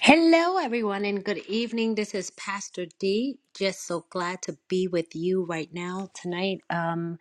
Hello, everyone, and good evening. This is Pastor D. Just so glad to be with you right now tonight. Um,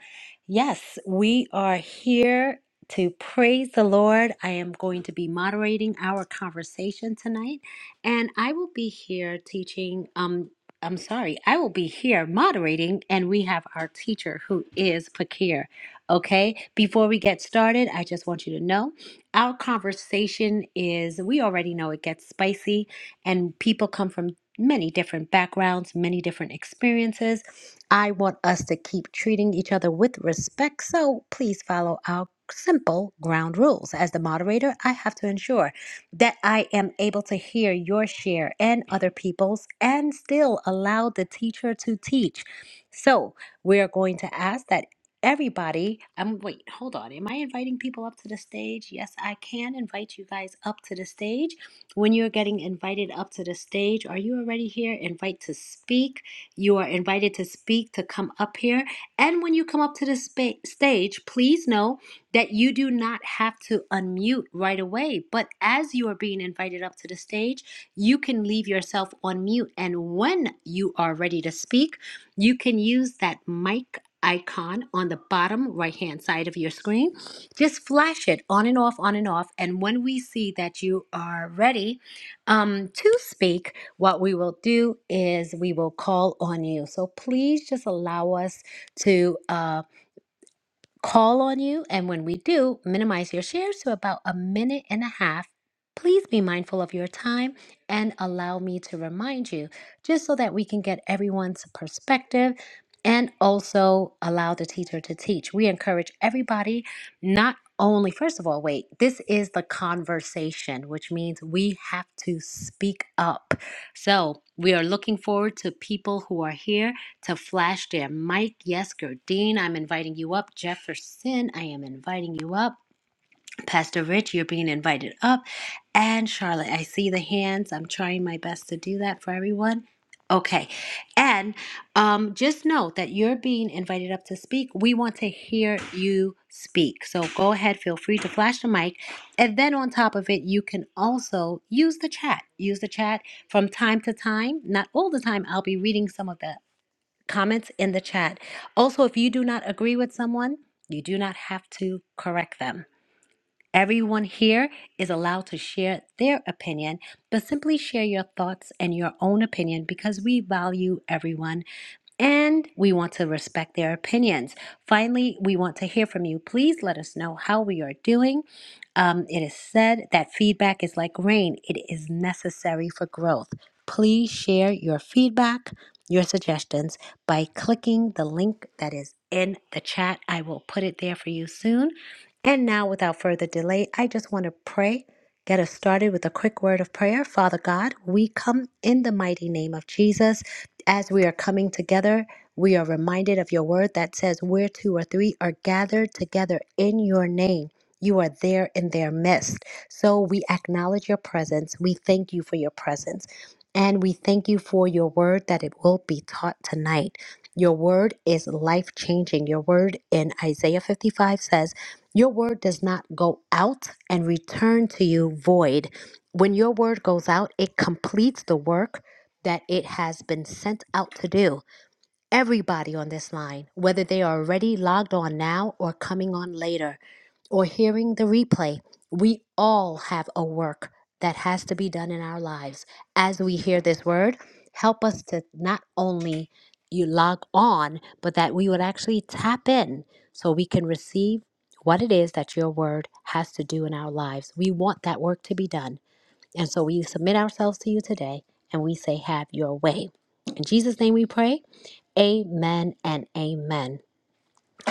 yes, we are here to praise the Lord. I am going to be moderating our conversation tonight, and I will be here teaching. Um, I'm sorry, I will be here moderating, and we have our teacher who is Pakir. Okay, before we get started, I just want you to know. Our conversation is, we already know it gets spicy, and people come from many different backgrounds, many different experiences. I want us to keep treating each other with respect, so please follow our simple ground rules. As the moderator, I have to ensure that I am able to hear your share and other people's and still allow the teacher to teach. So, we're going to ask that everybody um wait hold on am i inviting people up to the stage yes i can invite you guys up to the stage when you're getting invited up to the stage are you already here invite to speak you are invited to speak to come up here and when you come up to the spa- stage please know that you do not have to unmute right away but as you are being invited up to the stage you can leave yourself on mute and when you are ready to speak you can use that mic icon on the bottom right hand side of your screen. Just flash it on and off, on and off. And when we see that you are ready um, to speak, what we will do is we will call on you. So please just allow us to. Uh, call on you. And when we do, minimize your shares to about a minute and a half. Please be mindful of your time and allow me to remind you, just so that we can get everyone's perspective and also allow the teacher to teach. We encourage everybody not only, first of all, wait, this is the conversation, which means we have to speak up. So we are looking forward to people who are here to Flash Dan, Mike Yesker, Dean, I'm inviting you up. Jefferson, I am inviting you up. Pastor Rich, you're being invited up. And Charlotte, I see the hands. I'm trying my best to do that for everyone. Okay. And um, just know that you're being invited up to speak. We want to hear you speak. So go ahead, feel free to flash the mic. And then on top of it, you can also use the chat. Use the chat from time to time. Not all the time. I'll be reading some of the comments in the chat. Also, if you do not agree with someone, you do not have to correct them. Everyone here is allowed to share their opinion, but simply share your thoughts and your own opinion because we value everyone and we want to respect their opinions. Finally, we want to hear from you. Please let us know how we are doing. Um, it is said that feedback is like rain, it is necessary for growth. Please share your feedback, your suggestions by clicking the link that is in the chat. I will put it there for you soon. And now, without further delay, I just want to pray. Get us started with a quick word of prayer. Father God, we come in the mighty name of Jesus as we are coming together, we are reminded of your word that says, Where two or three are gathered together in your name, you are there in their midst. So we acknowledge your presence. We thank you for your presence. And we thank you for your word that it will be taught tonight. Your word is life changing. Your word in Isaiah 55 says, Your word does not go out and return to you void. When your word goes out, it completes the work that it has been sent out to do. Everybody on this line, whether they are already logged on now or coming on later or hearing the replay, we all have a work that has to be done in our lives. As we hear this word, help us to not only you log on, but that we would actually tap in so we can receive what it is that your word has to do in our lives. We want that work to be done. And so we submit ourselves to you today and we say, Have your way. In Jesus' name we pray. Amen and amen.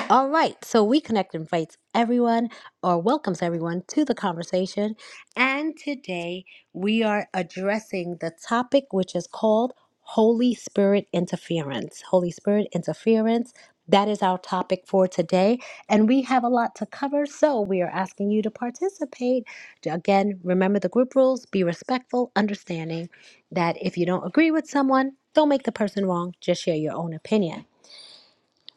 All right, so we connect and invites everyone or welcomes everyone to the conversation. And today we are addressing the topic which is called Holy Spirit interference. Holy Spirit interference. That is our topic for today. And we have a lot to cover, so we are asking you to participate. Again, remember the group rules, be respectful, understanding that if you don't agree with someone, don't make the person wrong, just share your own opinion.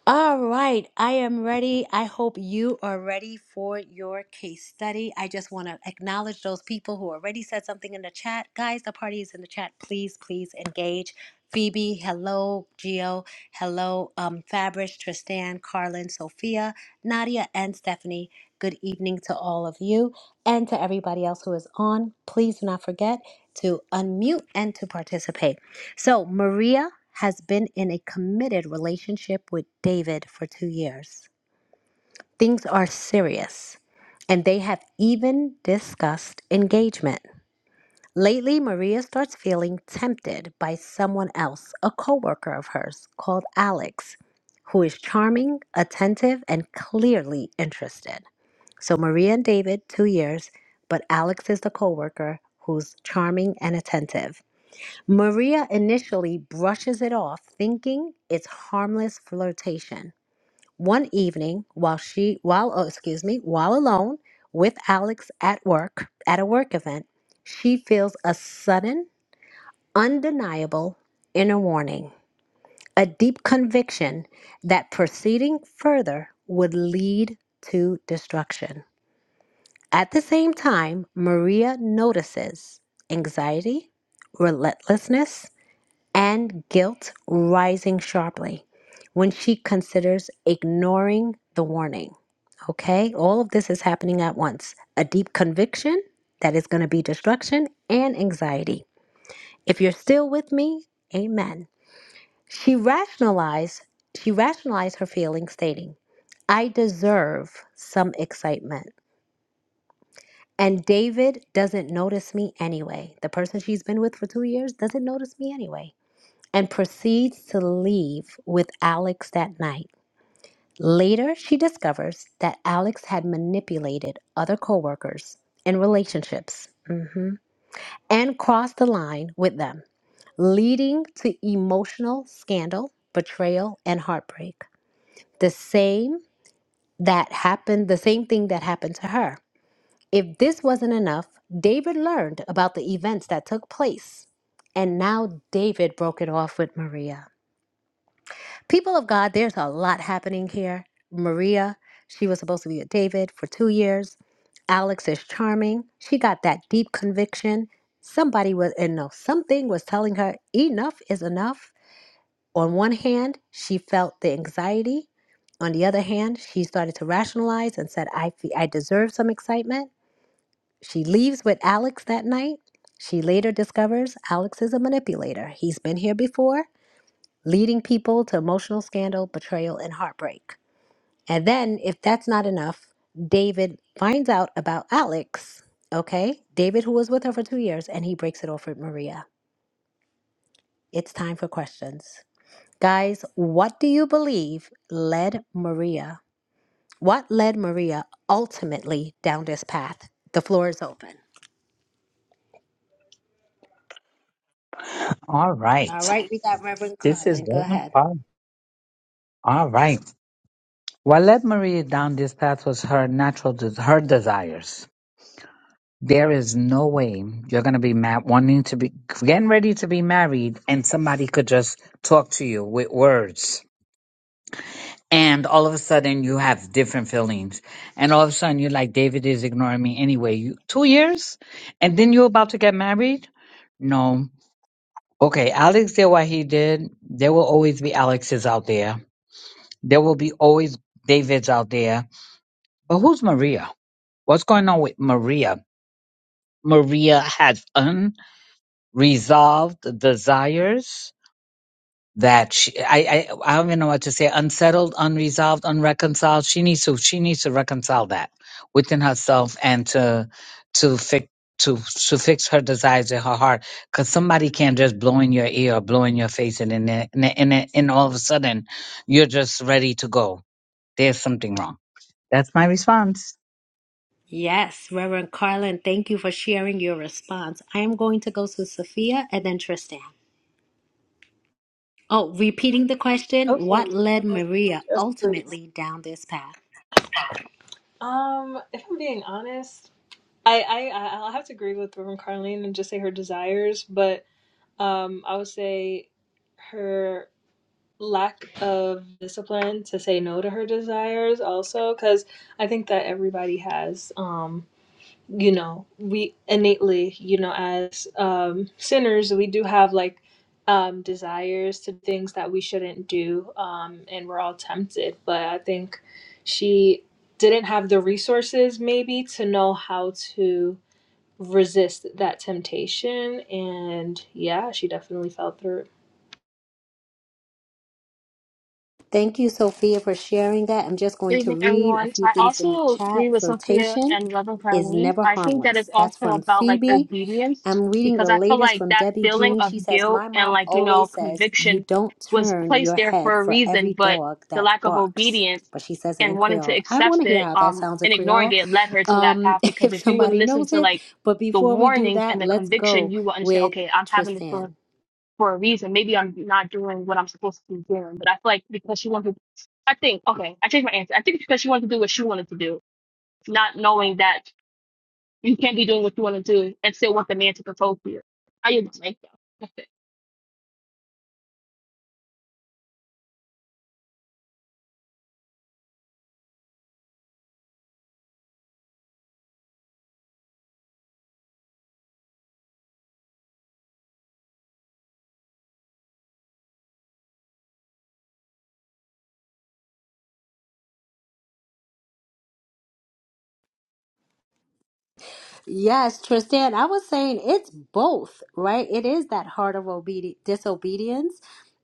All right, I am ready. I hope you are ready for your case study. I just want to acknowledge those people who already said something in the chat. Guys, the party is in the chat. Please, please engage. Phoebe, hello, Gio, hello, um, Fabrice, Tristan, Carlin, Sophia, Nadia, and Stephanie. Good evening to all of you and to everybody else who is on. Please do not forget to unmute and to participate. So Maria has been in a committed relationship with David for two years. Things are serious, and they have even discussed engagement. Lately, Maria starts feeling tempted by someone else, a coworker of hers called Alex, who is charming, attentive, and clearly interested. So Maria and David, two years, but Alex is the coworker who's charming and attentive. Maria initially brushes it off, thinking it's harmless flirtation. One evening, while she while oh, excuse me, while alone with Alex at work at a work event, she feels a sudden, undeniable inner warning, a deep conviction that proceeding further would lead to destruction. At the same time, Maria notices anxiety, relentlessness, and guilt rising sharply when she considers ignoring the warning. Okay, all of this is happening at once a deep conviction that is going to be destruction and anxiety. If you're still with me, amen. She rationalized, she rationalized her feelings, stating, I deserve some excitement. And David doesn't notice me anyway. The person she's been with for two years doesn't notice me anyway. and proceeds to leave with Alex that night. Later, she discovers that Alex had manipulated other coworkers in relationships mhm, and crossed the line with them, leading to emotional scandal, betrayal, and heartbreak. The same that happened, the same thing that happened to her. If this wasn't enough, David learned about the events that took place, and now David broke it off with Maria. People of God, there's a lot happening here. Maria, she was supposed to be with David for two years. Alex is charming. She got that deep conviction. Somebody was, and no, something was telling her enough is enough. On one hand, she felt the anxiety. On the other hand, she started to rationalize and said, I, fe- I deserve some excitement. She leaves with Alex that night. She later discovers Alex is a manipulator. He's been here before leading people to emotional scandal, betrayal, and heartbreak. And then, if that's not enough, David finds out about Alex, okay? David, who was with her for two years, and he breaks it off with Maria. It's time for questions. Guys, what do you believe led Maria? What led Maria ultimately down this path? The floor is open. All All right. right, we got Reverend This is Carlin. Go very ahead. fun. All right. What led Maria down this path was her natural, des- her desires. There is no way you're going to be mad, wanting to be, getting ready to be married, and somebody could just talk to you with words. And all of a sudden, you have different feelings. And all of a sudden, you're like, David is ignoring me anyway. You, two years? And then you're about to get married? No. Okay, Alex did what he did. There will always be Alexes out there There will be always Davids out there. But who's Maria? What's going on with Maria? Maria has unresolved desires that she, I, I, I don't even know what to say. Unsettled, unresolved, unreconciled. She needs to, she needs to reconcile that within herself and to, to fix, to, to fix her desires in her heart. Cause somebody can't just blow in your ear or blow in your face and then, and then, and then and all of a sudden you're just ready to go. There's something wrong. That's my response. Yes, Reverend Carlin, thank you for sharing your response. I am going to go to Sophia and then Tristan. Oh, repeating the question, what Okay. led uh, Maria Yes, please. ultimately down this path? Um, if I'm being honest, I, I I- I'll have to agree with Reverend Carlene and just say her desires, but um, I would say her lack of discipline to say no to her desires also, because I think that everybody has. Um, you know we innately you know as um sinners we do have like um desires to things that we shouldn't do um and we're all tempted but i think she didn't have the resources maybe to know how to resist that temptation and yeah she definitely fell through Thank you, Sophia, for sharing that. I'm just going Good to evening, read a everyone. few I things in the also chat. agree with Sophia Flirtation and Reverend is Carleen. never I think that it's harmless. That's also from about like Phoebe. obedience I'm reading because the I feel latest like from that Debbie feeling Jean. She of says, guilt My and mom like, you know, always says, You conviction don't was turn placed your there head for a for reason, every but dog the that lack of barks. obedience But she says it and in wanting to Creole. I want accept to hear it how that um sounds in and ignoring Creole it led her to that um, path because if if you would somebody listen knows to it. like But the before we do warnings and that, the let's conviction, go you will understand, with okay, I'm having this Tristan. for a reason. Maybe I'm not doing what I'm supposed to be doing, but I feel like because she wanted, I think, okay, I changed my answer. I think it's because she wanted to do what she wanted to do, not knowing that you can't be doing what you want to do and still want the man to propose to you. I didn't make that. Yes, Tristan, I was saying it's both, right? It is that heart of obedi- disobedience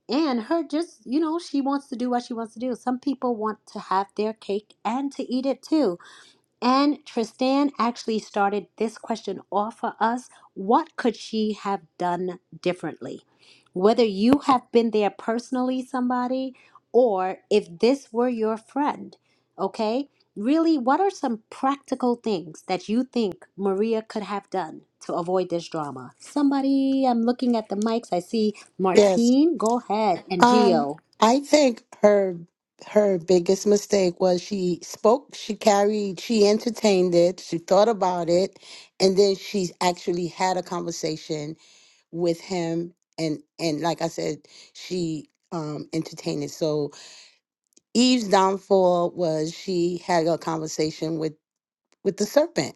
and her just, you know, she wants to do what she wants to do. Some people want to have their cake and to eat it too. And Tristan actually started this question off for us. What could she have done differently? Whether you have been there personally, somebody, or if this were your friend, okay? Really, what are some practical things that you think Maria could have done to avoid this drama? Somebody, I'm looking at the mics. I see Yes. Martine. Go ahead. And Um, Gio. I think her her biggest mistake was she spoke, she carried, she entertained it, she thought about it, and then she actually had a conversation with him and and like I said, she um entertained it. So Eve's downfall was she had a conversation with with the serpent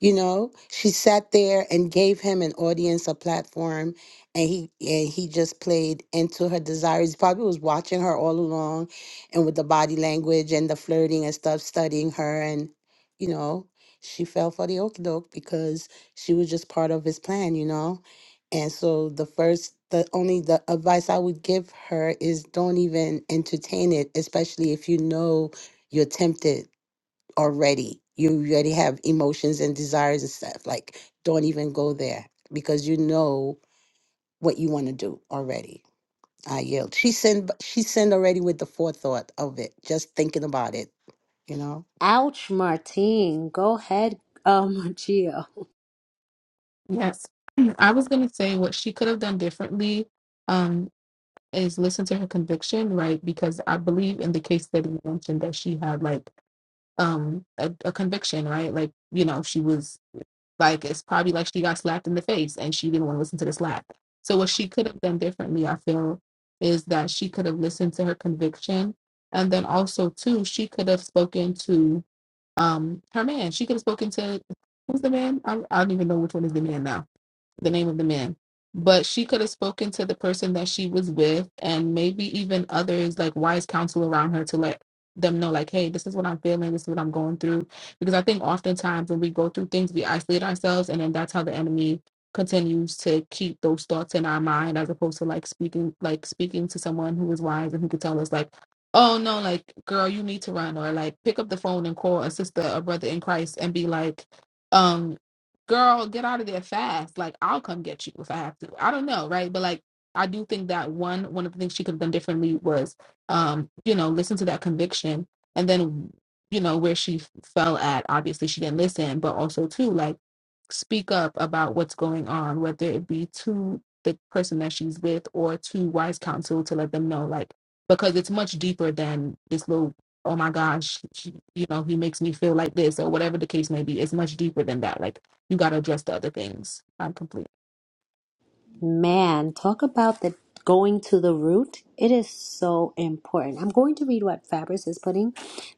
you know, she sat there and gave him an audience, a platform, and he and he just played into her desires. He probably was watching her all along and with the body language and the flirting and stuff, studying her and you know, she fell for the okie doke because she was just part of his plan, you know. And so the first the only the advice I would give her is don't even entertain it, especially if you know you're tempted already. You already have emotions and desires and stuff. Like, don't even go there because you know what you want to do already. I yield. She sinned. b- She sinned already with the forethought of it, just thinking about it. You know. Ouch, Martine. Go ahead, um, Gio. Yes. I was going to say what she could have done differently um, is listen to her conviction, right? Because I believe in the case that you mentioned that she had like um, a, a conviction, right? Like, you know, she was like, it's probably like she got slapped in the face and she didn't want to listen to the slap. So, what she could have done differently, I feel, is that she could have listened to her conviction. And then also, too, she could have spoken to um, her man. She could have spoken to who's the man? I, I don't even know which one is the man now the name of the man. But she could have spoken to the person that she was with and maybe even others like wise counsel around her to let them know, like, hey, this is what I'm feeling, this is what I'm going through. Because I think oftentimes when we go through things, we isolate ourselves and then that's how the enemy continues to keep those thoughts in our mind as opposed to like speaking like speaking to someone who is wise and who could tell us like, oh no, like girl, you need to run or like pick up the phone and call a sister, a brother in Christ and be like, um girl, get out of there fast. Like, I'll come get you if I have to. I don't know, right? But like, I do think that one one of the things she could have done differently was, um, you know, listen to that conviction, and then, you know, where she fell at. Obviously, she didn't listen, but also too, like, speak up about what's going on, whether it be to the person that she's with or to wise counsel to let them know, like, because it's much deeper than this little. Oh my gosh, he- you know, he makes me feel like this, or whatever the case may be. It's much deeper than that. Like, you got to address the other things. I'm complete. Man, talk about the going to the root. It is so important. I'm going to read what Fabris is putting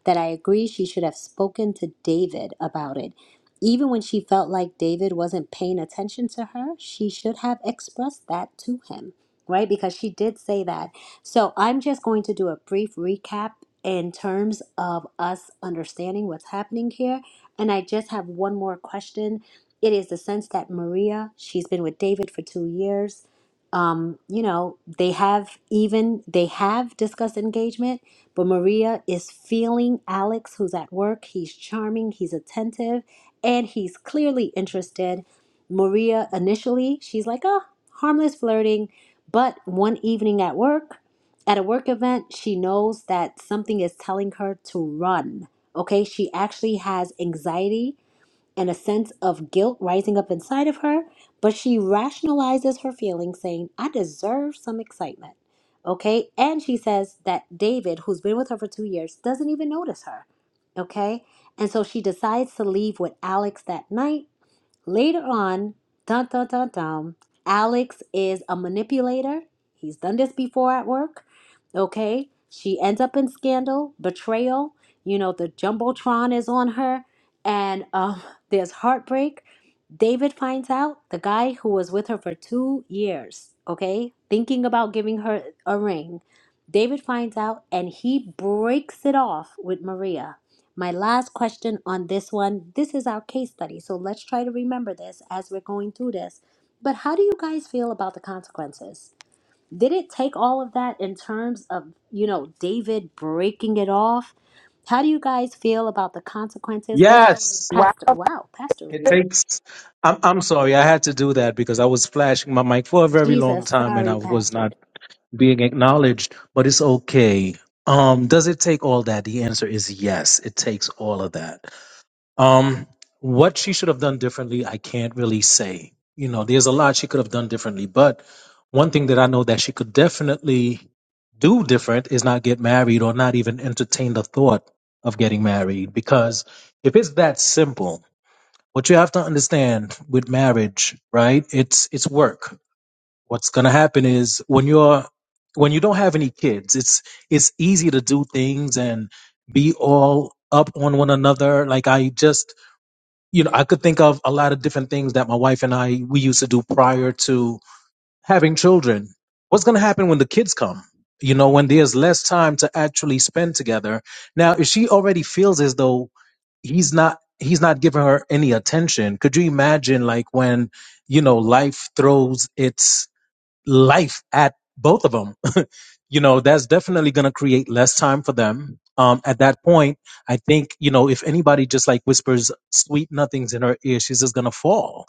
that I agree she should have spoken to David about it. Even when she felt like David wasn't paying attention to her, she should have expressed that to him, right? Because she did say that. So I'm just going to do a brief recap in terms of us understanding what's happening here. And I just have one more question it is the sense that Maria, she's been with David for two years. Um, you know, they have even they have discussed engagement, but Maria is feeling Alex, who's at work. He's charming, he's attentive, and he's clearly interested. Maria initially, she's like, oh, harmless flirting. But one evening at work, at a work event, she knows that something is telling her to run. Okay, she actually has anxiety and a sense of guilt rising up inside of her, but she rationalizes her feelings, saying, I deserve some excitement. Okay. And she says that David, who's been with her for two years, doesn't even notice her. Okay. And so she decides to leave with Alex that night Later on, dun dun dun dun, Alex is a manipulator. He's done this before at work. Okay. She ends up in scandal, betrayal. You know, the Jumbotron is on her, and um, there's heartbreak. David finds out the guy who was with her for two years, okay, thinking about giving her a ring. David finds out and he breaks it off with Maria my last question on this one this is our case study, so let's try to remember this as we're going through this. But how do you guys feel about the consequences? Did it take all of that in terms of, you know, David breaking it off? How do you guys feel about the consequences? Let's go, with Yes, Wow. Pastor. Wow, Pastor. it takes. I'm I'm sorry, I had to do that because I was flashing my mic for a very long Jesus, time and I sorry, was Pastor. not being acknowledged, but it's okay. Um, does it take all that? The answer is yes, it takes all of that. Um, what she should have done differently, I can't really say. You know, there's a lot she could have done differently, but one thing that I know that she could definitely do different is not get married or not even entertain the thought of getting married because if it's that simple what you have to understand with marriage, right? It's it's work. What's going to happen is when you're when you don't have any kids, it's it's easy to do things and be all up on one another. Like I just, you know, I could think of a lot of different things that my wife and I we used to do prior to having children. What's going to happen when the kids come? You know, when there's less time to actually spend together. Now, if she already feels as though he's not he's not giving her any attention could you imagine like when you know life throws its life at both of them you know that's definitely going to create less time for them um at that point i think you know if anybody just like whispers sweet nothings in her ear she's just going to fall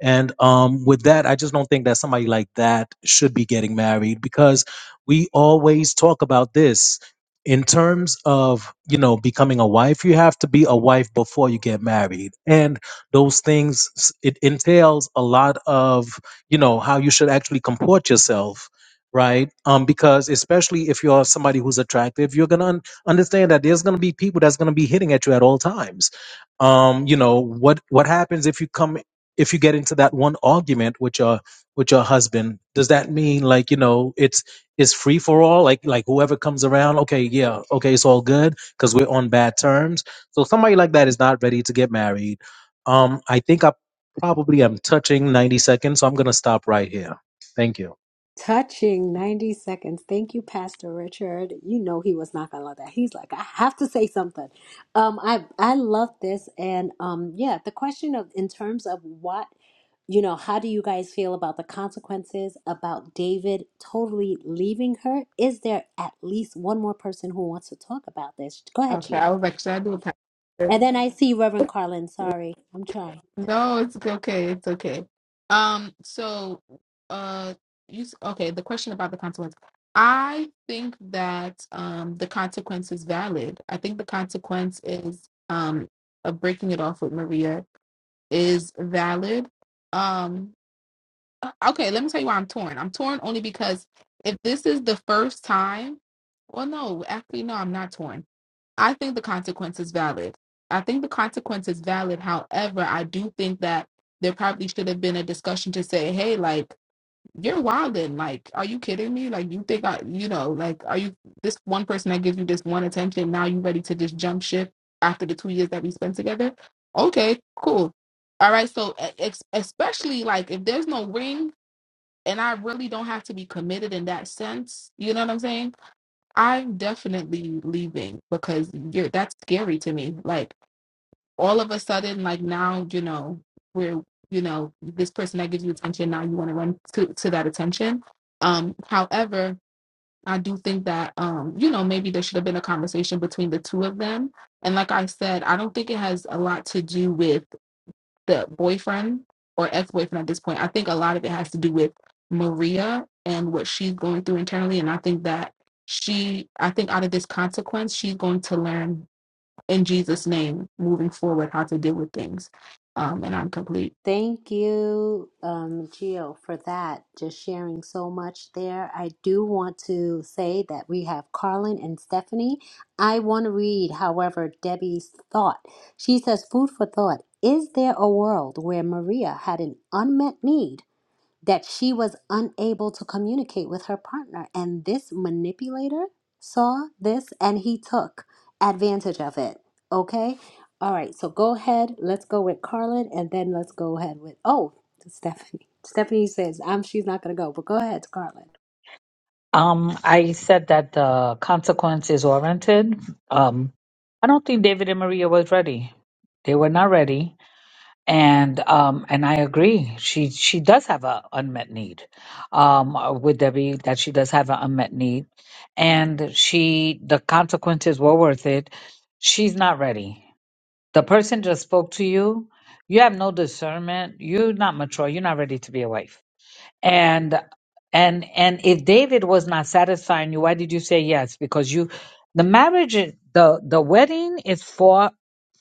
and um, with that, I just don't think that somebody like that should be getting married because we always talk about this in terms of you know becoming a wife. You have to be a wife before you get married, and those things s- it entails a lot of you know how you should actually comport yourself. Right, um, because especially if you're somebody who's attractive, you're gonna un- understand that there's gonna be people that's gonna be hitting at you at all times um you know what what happens if you come if you get into that one argument with your with your husband does that mean like you know it's it's free for all like like whoever comes around okay yeah okay it's all good because we're on bad terms so somebody like that is not ready to get married um i think i probably am touching 90 seconds so i'm gonna stop right here thank you Touching 90 seconds. Thank you, Pastor Richard. You know he was not gonna love that. He's like, I have to say something. Um, I I love this and um yeah, the question of in terms of what you know, how do you guys feel about the consequences about David totally leaving her? Is there at least one more person who wants to talk about this? Go ahead, Okay, I Gio. was like, should I do a pastor? And then I see Reverend Carlin. Sorry, I'm trying. No, it's okay. It's okay. Um, so, uh, you s- okay? The question about the consequence. I think that um the consequence is valid. I think the consequence is um of breaking it off with Maria is valid. Um, uh, okay, let me tell you why I'm torn. I'm torn only because if this is the first time, well, no, actually, no, I'm not torn I think the consequence is valid. I think the consequence is valid. However, I do think that there probably should have been a discussion to say, hey, like, you're wilding. Like, are you kidding me? Like, you think I, you know, like, are you this one person that gives you this one attention? Now you ready to just jump ship after the two years that we spent together? Okay, cool. All right. So, e- ex- especially like if there's no ring and I really don't have to be committed in that sense, you know what I'm saying? I'm definitely leaving because you're that's scary to me. Like all of a sudden, like now, you know, we're you know, this person that gives you attention, now you want to run to, to that attention. Um, however, I do think that um, you know, maybe there should have been a conversation between the two of them. And like I said, I don't think it has a lot to do with the boyfriend or ex-boyfriend at this point i think a lot of it has to do with maria and what she's going through internally and i think that she i think out of this consequence she's going to learn in jesus name moving forward how to deal with things um and i'm complete Thank you, um, Gio, for that. Just sharing so much there. I do want to say that we have Carlin and Stephanie. I want to read, however, Debbie's thought. She says, Food for thought. Is there a world where Maria had an unmet need? that she was unable to communicate with her partner. And this manipulator saw this and he took advantage of it. Okay. All right. So go ahead. Let's go with Carlin and then let's go ahead with, oh, Stephanie. Stephanie says, um, she's not going to go, but go ahead, Carlin. Um, I said that the consequence is warranted. Um, I don't think David and Maria was ready. They were not ready, and um, and I agree. She she does have an unmet need. Um, with Debbie, that she does have an unmet need, and she the consequences were worth it. She's not ready. The person just spoke to you. You have no discernment. You're not mature. You're not ready to be a wife And and and if David was not satisfying you, why did you say yes? Because you the marriage is- the the wedding is four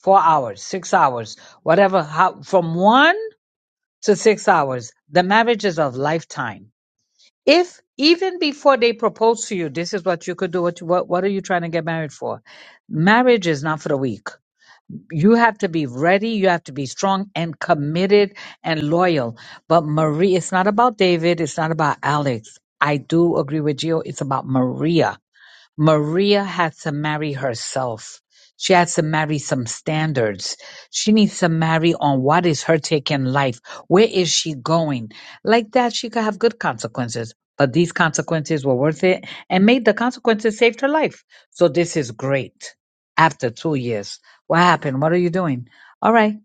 four hours, six hours, whatever how from one to six hours. The marriage is of lifetime. If even before they propose to you, this is what you could do. What you- what what are you trying to get married for? Marriage is not for the weak you have to be ready, you have to be strong and committed and loyal. But Marie, it's not about David, it's not about Alex. I do agree with you. It's about Maria. Maria had to marry herself. She has to marry some standards. She needs to marry on what is her take in life. Where is she going? Like that, she could have good consequences. But these consequences were worth it and made the consequences saved her life. So this is great. After two years. What happened? What are you doing? All right.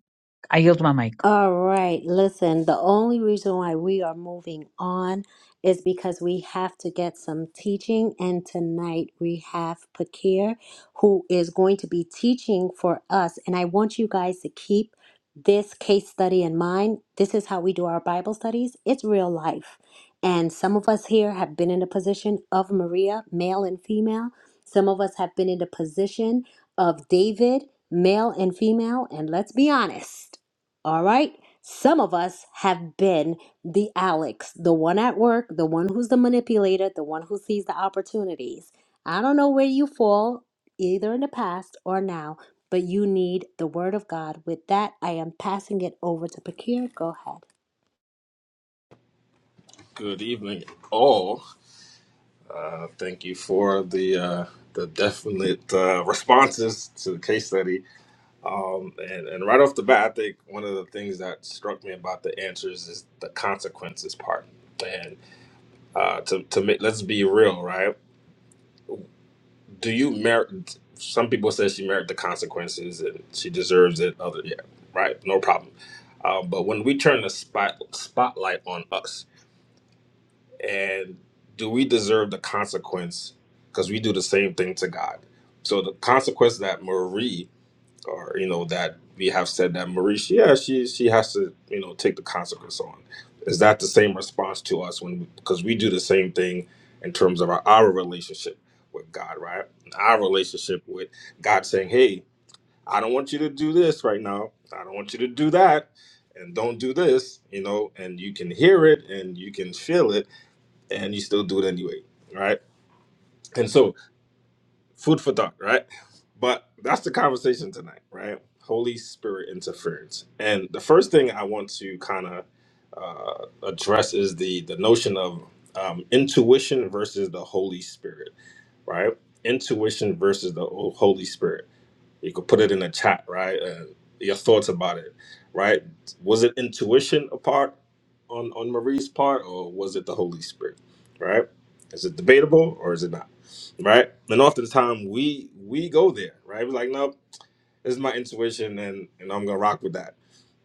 I yield my mic. All right, listen, the only reason why we are moving on is because we have to get some teaching, and tonight we have Pakir who is going to be teaching for us. And I want you guys to keep this case study in mind. This is how we do our Bible studies, it's real life. And some of us here have been in the position of Maria, male and female, some of us have been in the position of David, male and female, and let's be honest. All right. Some of us have been the Alex, the one at work, the one who's the manipulator, the one who sees the opportunities. I don't know where you fall, either in the past or now, but you need the word of God. With that, I am passing it over to Pakir. Go ahead. Good evening, all. Uh, thank you for the uh, the definite uh, responses to the case study. Um, and, and right off the bat, I think one of the things that struck me about the answers is the consequences part. And uh, to to make, let's be real, right? Do you merit? Some people say she merit the consequences and she deserves it. Other, yeah, right, no problem. Uh, but when we turn the spot, spotlight on us, and do we deserve the consequence because we do the same thing to god so the consequence that marie or you know that we have said that marie she, yeah she she has to you know take the consequence on is that the same response to us when because we do the same thing in terms of our, our relationship with god right our relationship with god saying hey i don't want you to do this right now i don't want you to do that and don't do this you know and you can hear it and you can feel it and you still do it anyway, right? And so, food for thought, right? But that's the conversation tonight, right? Holy Spirit interference. And the first thing I want to kind of uh, address is the the notion of um, intuition versus the Holy Spirit, right? Intuition versus the Holy Spirit you could put it in the chat right uh, your thoughts about it right was it intuition apart on on marie's part or was it the holy spirit right is it debatable or is it not right and often the time we we go there right we're like nope this is my intuition and and i'm gonna rock with that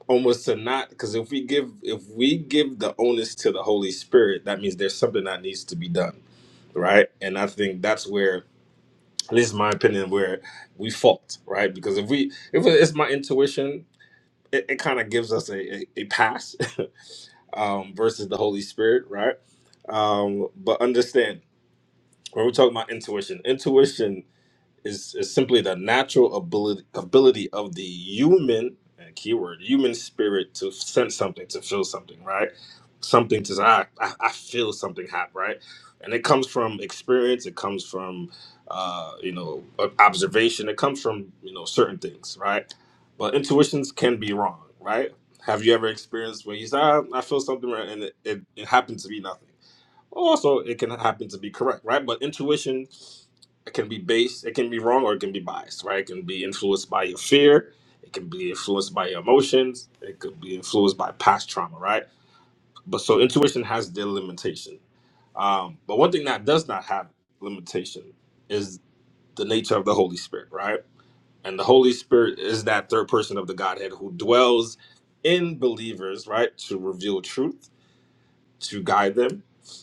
almost to not because if we give if we give the onus to the holy spirit that means there's something that needs to be done right and i think that's where at least in my opinion, where we fault, right? Because if we, if it's my intuition, it, it kind of gives us a, a, a pass um, versus the Holy Spirit, right? Um, but understand when we're talking about intuition, intuition is, is simply the natural ability ability of the human uh, keyword human spirit to sense something to feel something right something to say I, I, I feel something happen right and it comes from experience it comes from uh, you know ob- observation it comes from you know certain things right but intuitions can be wrong right have you ever experienced when you say "Ah, I feel something right," and it, it, it happened to be nothing also, it can happen to be correct, right? But intuition it can be based, it can be wrong, or it can be biased, right? It can be influenced by your fear, it can be influenced by your emotions, it could be influenced by past trauma, right? But so intuition has their limitation. Um, but one thing that does not have limitation is the nature of the Holy Spirit, right? And the Holy Spirit is that third person of the Godhead who dwells in believers, right, to reveal truth to guide them,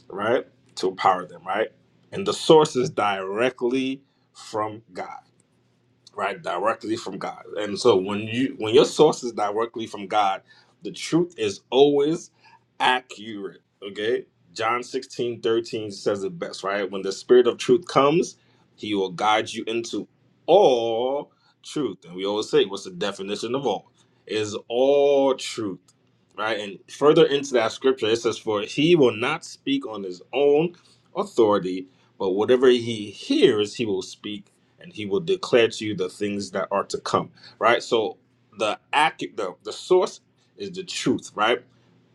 right? To empower them, right? And the source is directly from God right directly from god and so when you when your source is directly from god the truth is always accurate okay john 16 13 says it best right when the spirit of truth comes he will guide you into all truth and we always say what's the definition of all is all truth right and further into that scripture it says for he will not speak on his own authority but whatever he hears he will speak and he will declare to you the things that are to come right so the accu- the, the source is the truth right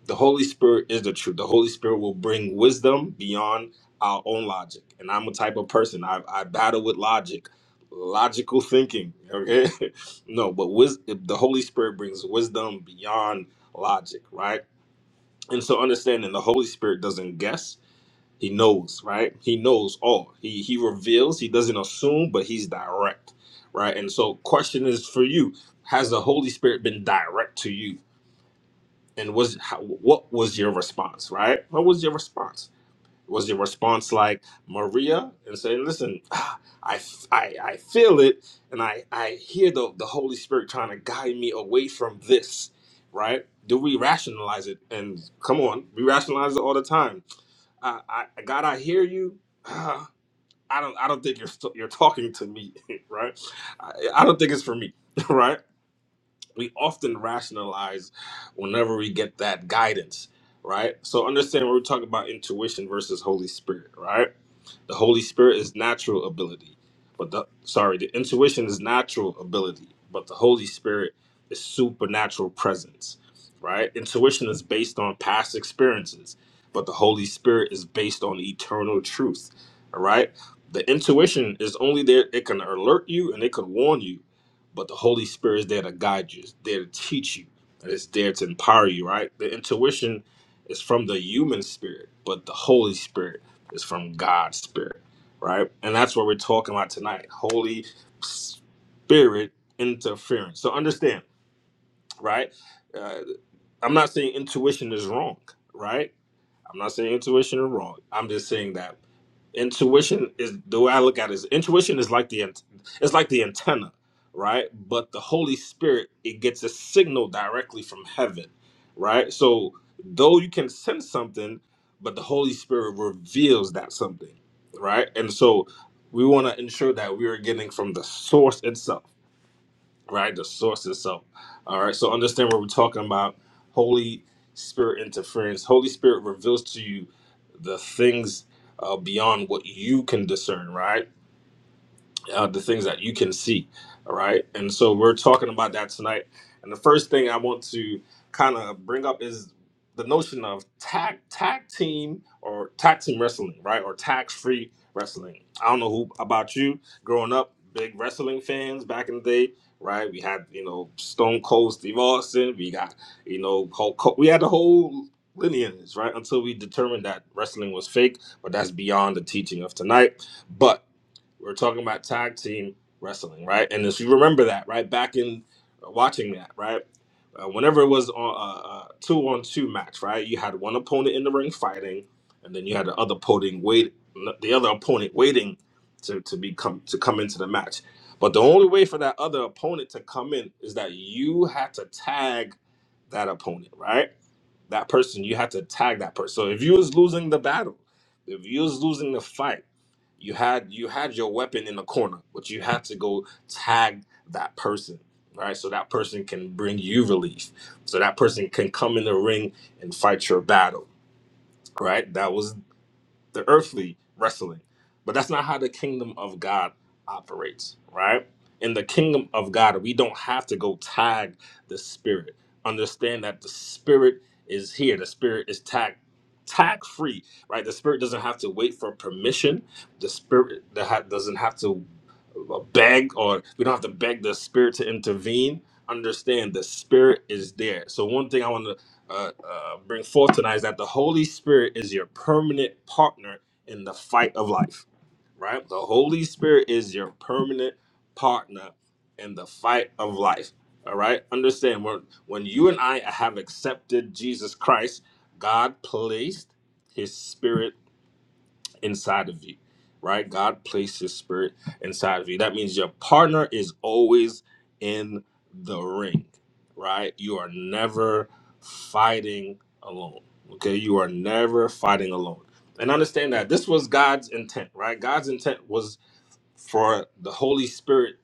the holy spirit is the truth the holy spirit will bring wisdom beyond our own logic and i'm a type of person i, I battle with logic logical thinking okay no but wis- the holy spirit brings wisdom beyond logic right and so understanding the holy spirit doesn't guess he knows, right? He knows all. He he reveals, he doesn't assume, but he's direct, right? And so question is for you, has the Holy Spirit been direct to you? And was how, what was your response, right? What was your response? Was your response like Maria and saying, "Listen, ah, I, f- I, I feel it and I I hear the the Holy Spirit trying to guide me away from this." Right? Do we rationalize it? And come on, we rationalize it all the time I, I God, I hear you. Uh, I don't, I don't think you're st- you're talking to me, right? I, I don't think it's for me, right? We often rationalize whenever we get that guidance, right? So understand when we're talking about intuition versus Holy Spirit, right? The Holy Spirit is natural ability, but the sorry, the intuition is natural ability, but the Holy Spirit is supernatural presence, right? Intuition is based on past experiences, but the Holy Spirit is based on eternal truth. All right? The intuition is only there it can alert you and it can warn you, but the Holy Spirit is there to guide you, it's there to teach you, and it's there to empower you, right? The intuition is from the human spirit, but the Holy Spirit it's from God's Spirit, right? And that's what we're talking about tonight Holy Spirit interference. So understand, right? Uh, I'm not saying intuition is wrong, right? I'm not saying intuition is wrong. I'm just saying that intuition is the way I look at it is intuition is like the ant- it's like the antenna, right? But the Holy Spirit it gets a signal directly from heaven, right? So though you can sense something, but the Holy Spirit reveals that something, right? And so we want to ensure that we are getting from the source itself right? The source itself. All right. So understand what we're talking about. Holy Spirit interference. Holy Spirit reveals to you the things uh, beyond what you can discern, right? uh, the things that you can see. All right. And so we're talking about that tonight. And the first thing I want to kind of bring up is the notion of tag tag team or tag team wrestling, right? Or tax free wrestling. I don't know who about you growing up, big wrestling fans back in the day. Right, we had you know Stone Cold Steve Austin. We got you know Hulk. Ho- We had the whole lineage, right? Until we determined that wrestling was fake, but that's beyond the teaching of tonight. But we're talking about tag team wrestling, right? And if you remember that, right, back in uh, watching that, right, uh, whenever it was on a, a two on two match, right, you had one opponent in the ring fighting, and then you had the other opponent wait, the other opponent waiting to to be come to come into the match. But the only way for that other opponent to come in is that you had to tag that opponent, right? that person, you had to tag that person. So if you was losing the battle, if you was losing the fight, you had you had your weapon in the corner, but you had to go tag that person, right? So that person can bring you relief. So that person can come in the ring and fight your battle, right? That was the earthly wrestling. But that's not how the kingdom of God operates, right? In the kingdom of God, we don't have to go tag the spirit. Understand that the spirit is here. The spirit is tag tag free, right? The spirit doesn't have to wait for permission. The spirit that ha- doesn't have to uh, beg or we don't have to beg the spirit to intervene. Understand the spirit is there. So one thing I want to uh, uh, bring forth tonight is that the Holy Spirit is your permanent partner in the fight of life, right? The Holy Spirit is your permanent partner in the fight of life. All right. Understand when when you and I have accepted Jesus Christ, God placed His Spirit inside of you, right? God placed his spirit inside of you. That means your partner is always in the ring, right? You are never fighting alone, okay? You are never fighting alone. And understand that this was God's intent, right? God's intent was for the Holy Spirit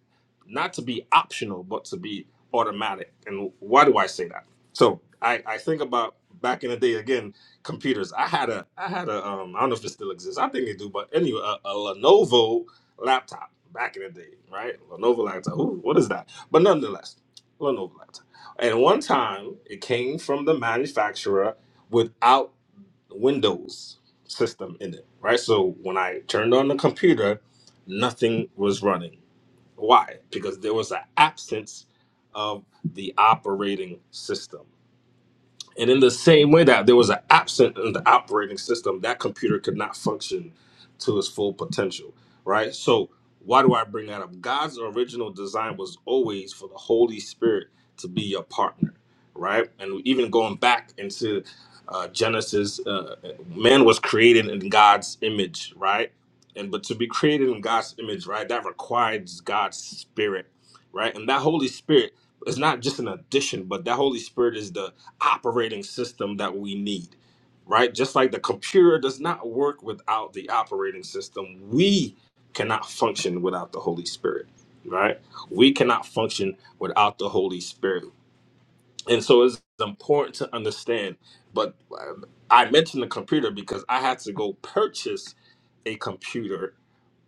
not to be optional, but to be automatic. And why do I say that? So I, I think about back in the day again, computers. I had a I had a um I don't know if it still exists. I think they do, but anyway, a, a Lenovo laptop back in the day, right? Lenovo laptop. Ooh, what is that? But nonetheless, Lenovo laptop. And one time it came from the manufacturer without Windows system in it, right? So when I turned on the computer nothing was running. Why? Because there was an absence of the operating system. And in the same way that there was an absent in the operating system, that computer could not function to its full potential, right? So, why do I bring that up? God's original design was always for the Holy Spirit to be your partner, right? And even going back into uh, Genesis, uh, man was created in God's image, right? And but to be created in God's image, right, that requires God's spirit, right? And that Holy Spirit is not just an addition, but that Holy Spirit is the operating system that we need, right? Just like the computer does not work without the operating system, we cannot function without the Holy Spirit, right? We cannot function without the Holy Spirit. And so it's important to understand. But um, I mentioned the computer because I had to go purchase a computer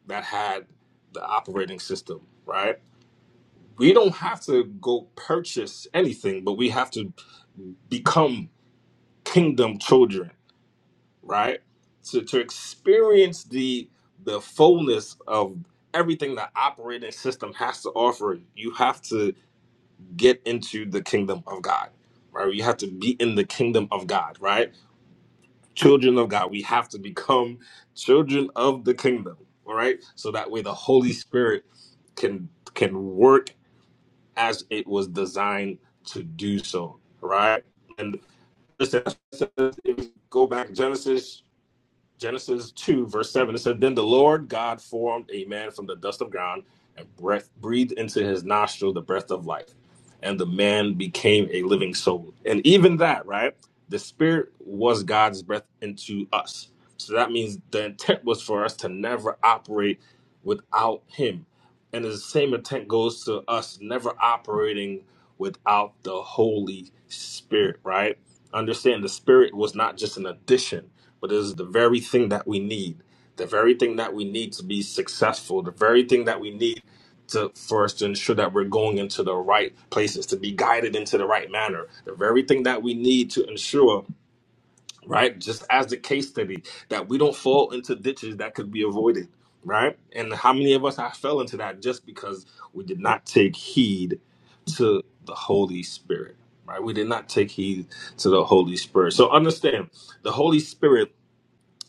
that had the operating system, right? We don't have to go purchase anything, but we have to become kingdom children, right? To to experience the the fullness of everything the operating system has to offer, you have to get into the kingdom of God. Right? You have to be in the kingdom of God, right? Children of God. We have to become children of the kingdom. All right. So that way the Holy Spirit can can work as it was designed to do so. Right. And listen, if you go back to Genesis Genesis 2, verse 7, it said Then the Lord God formed a man from the dust of ground and breath, breathed into his nostril the breath of life. And the man became a living soul. And even that, right? The spirit was God's breath into us. So that means the intent was for us to never operate without him. And the same intent goes to us never operating without the Holy Spirit, right? Understand the Spirit was not just an addition, but is the very thing that we need. The very thing that we need to be successful. The very thing that we need to for us to ensure that we're going into the right places, to be guided into the right manner. The very thing that we need to ensure right? Just as the case study that we don't fall into ditches that could be avoided, right? And how many of us have fell into that just because we did not take heed to the Holy Spirit, right? We did not take heed to the Holy Spirit. So understand, the Holy Spirit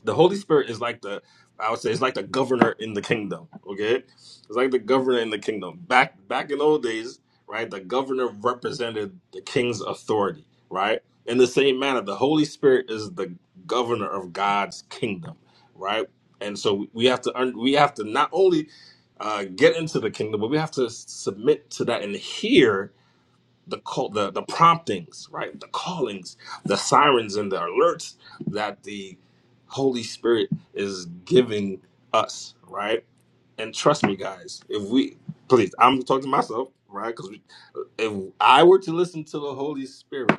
the Holy Spirit is like the I would say it's like the governor in the kingdom. Okay, it's like the governor in the kingdom. Back back in old days, right? The governor represented the king's authority, right? In the same manner, the Holy Spirit is the governor of God's kingdom, right? And so we have to un- we have to not only uh, get into the kingdom, but we have to submit to that and hear the call, the the promptings, right? The callings, the sirens, and the alerts that the Holy Spirit is giving us, right? And trust me, guys, if we please, I'm talking to myself, right? Because if I were to listen to the Holy Spirit,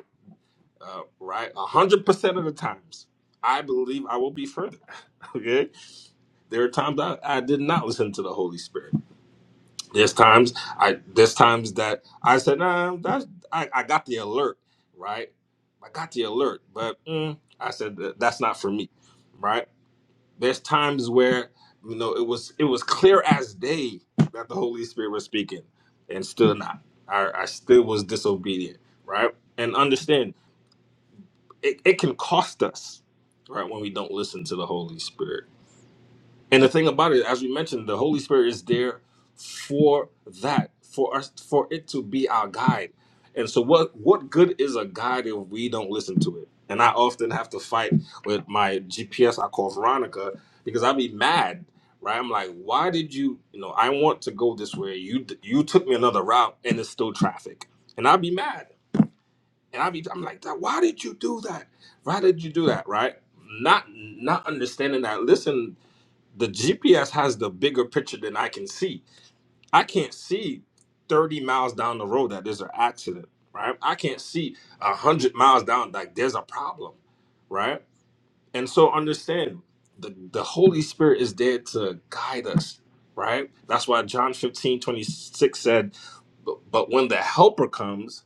uh, right, a hundred percent of the times, I believe I will be further. Okay, there are times I, I did not listen to the Holy Spirit there's times I there's times that I said, nah, that's I, I got the alert, right? I got the alert, but mm, I said "That- that's not for me, right? There's times where you know it was it was clear as day that the Holy Spirit was speaking, and still not. I, I still was disobedient, right? And understand it, it can cost us, right, when we don't listen to the Holy Spirit and the thing about it, as we mentioned, the Holy Spirit is there for that, for us, for it to be our guide. And so, what what good is a guide if we don't listen to it? And I often have to fight with my GPS. I call Veronica because i be mad, right? I'm like, why did you? You know, I want to go this way. You you took me another route, and it's still traffic. And i be mad, and i be I'm like, why did you do that? Why did you do that? Right? Not not understanding that. Listen the GPS has the bigger picture than I can see. I can't see 30 miles down the road that there's an accident, right? I can't see 100 miles down like there's a problem, right? And so understand the, the Holy Spirit is there to guide us, right? That's why John 15 26 said, but but when the helper comes,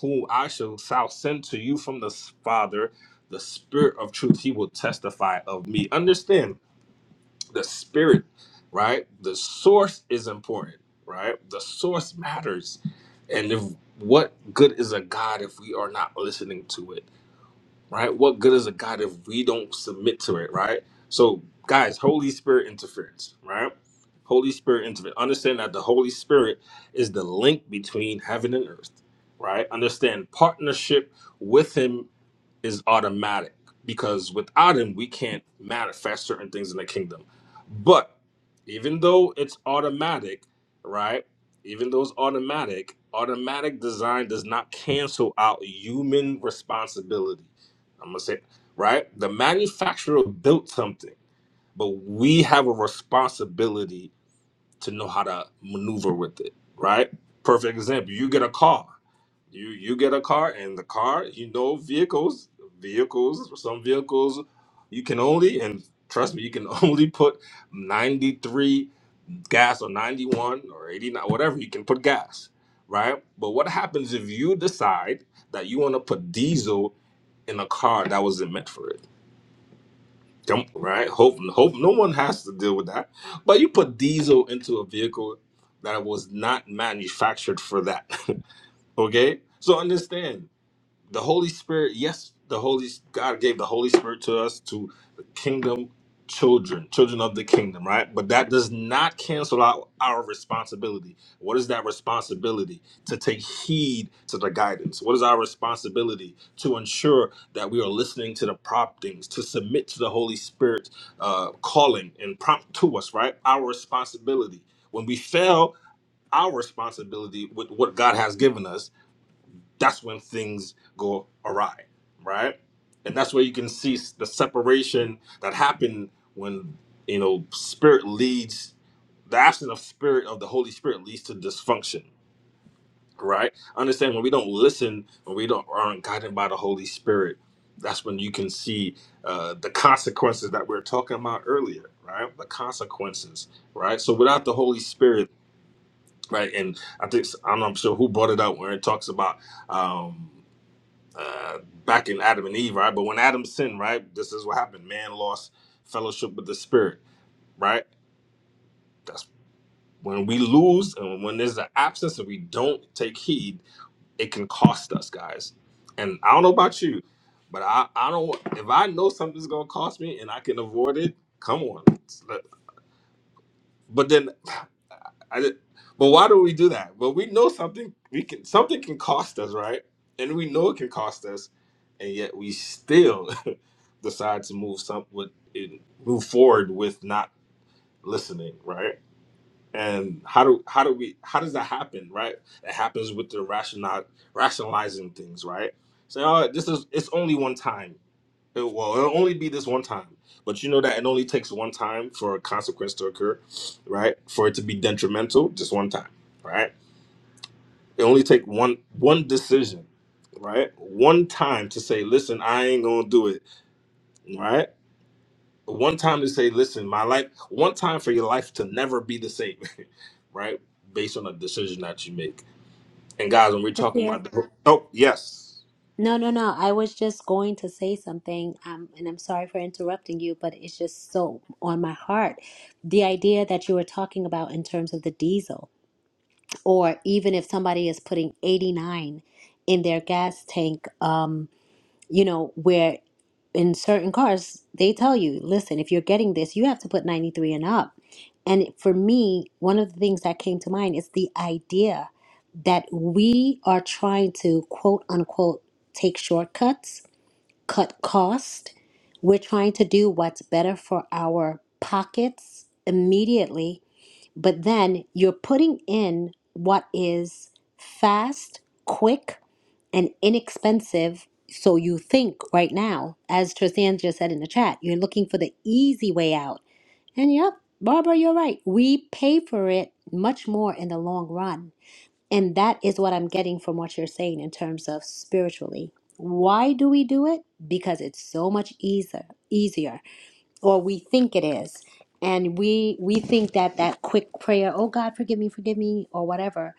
whom I shall shall send to you from the Father, the Spirit of truth, he will testify of me. Understand the spirit, right? The source is important, right? The source matters. And if what good is a God if we are not listening to it, right? What good is a God if we don't submit to it, right? So, guys, Holy Spirit interference, right? Holy Spirit interference. Understand that the Holy Spirit is the link between heaven and earth, right? Understand partnership with Him is automatic because without him we can't manifest certain things in the kingdom but even though it's automatic right even though it's automatic automatic design does not cancel out human responsibility i'm gonna say right the manufacturer built something but we have a responsibility to know how to maneuver with it, right? Perfect example. You get a car. You you get a car and the car, you know vehicles, vehicles, some vehicles you can only and trust me, you can only put 93 gas or 91 or 89 whatever you can put gas, right? But what happens if you decide that you want to put diesel in a car that wasn't meant for it? Don't right. Hope hope no one has to deal with that. But you put diesel into a vehicle that was not manufactured for that. okay, so understand the Holy Spirit, yes, the Holy God gave the Holy Spirit to us to the kingdom children, children of the kingdom, right? But that does not cancel out our responsibility. What is that responsibility? To take heed to the guidance. What is our responsibility to ensure that we are listening to the promptings, to submit to the Holy Spirit uh, calling and prompt to us, right? Our responsibility. When we fail, our responsibility with what God has given us that's when things go awry, right? And that's where you can see s- the separation that happened when you know spirit leads the absence of spirit of the Holy Spirit leads to dysfunction, right? Understand when we don't listen, when we don't aren't guided by the Holy Spirit, that's when you can see uh, the consequences that we were talking about earlier, right? The consequences, right? So without the Holy Spirit, right? And I think I'm not sure who brought it up where it talks about. Um, uh, back in Adam and Eve, right? But when Adam sinned, right, this is what happened. Man lost fellowship with the Spirit, right? That's when we lose and when there's an absence and we don't take heed, it can cost us, guys. And I don't know about you, but I, I don't. If I know something's gonna cost me and I can avoid it, come on, But then I did, but why do we do that? But we know something we can something can cost us, right? And we know it can cost us, and yet we still decide to move some with move forward with not listening, right? and how do how do we how does that happen right it happens with the rational rationalizing things right so oh, this is it's only one time it, well it'll only be this one time but you know that it only takes one time for a consequence to occur right for it to be detrimental just one time right it only take one one decision right one time to say listen i ain't gonna do it right one time to say, listen, my life, one time for your life to never be the same, right? Based on a decision that you make. And guys, when we're talking Pakir. about, oh, yes, No, no, no. I was just going to say something, um, and I'm sorry for interrupting you, but it's just so on my heart. The idea that you were talking about in terms of the diesel. or even if somebody is putting 89 in their gas tank um you know where in certain cars they tell you listen if you're getting this you have to put 93 and up and for me one of the things that came to mind is the idea that we are trying to quote unquote take shortcuts cut cost we're trying to do what's better for our pockets immediately but then you're putting in what is fast, quick, and inexpensive. So you think right now, as Tristan just said in the chat, you're looking for the easy way out. And yep, Barbara, you're right. We pay for it much more in the long run. And that is what I'm getting from what you're saying in terms of spiritually. Why do we do it? Because it's so much easier, easier or we think it is and we we think that that quick prayer oh god forgive me forgive me or whatever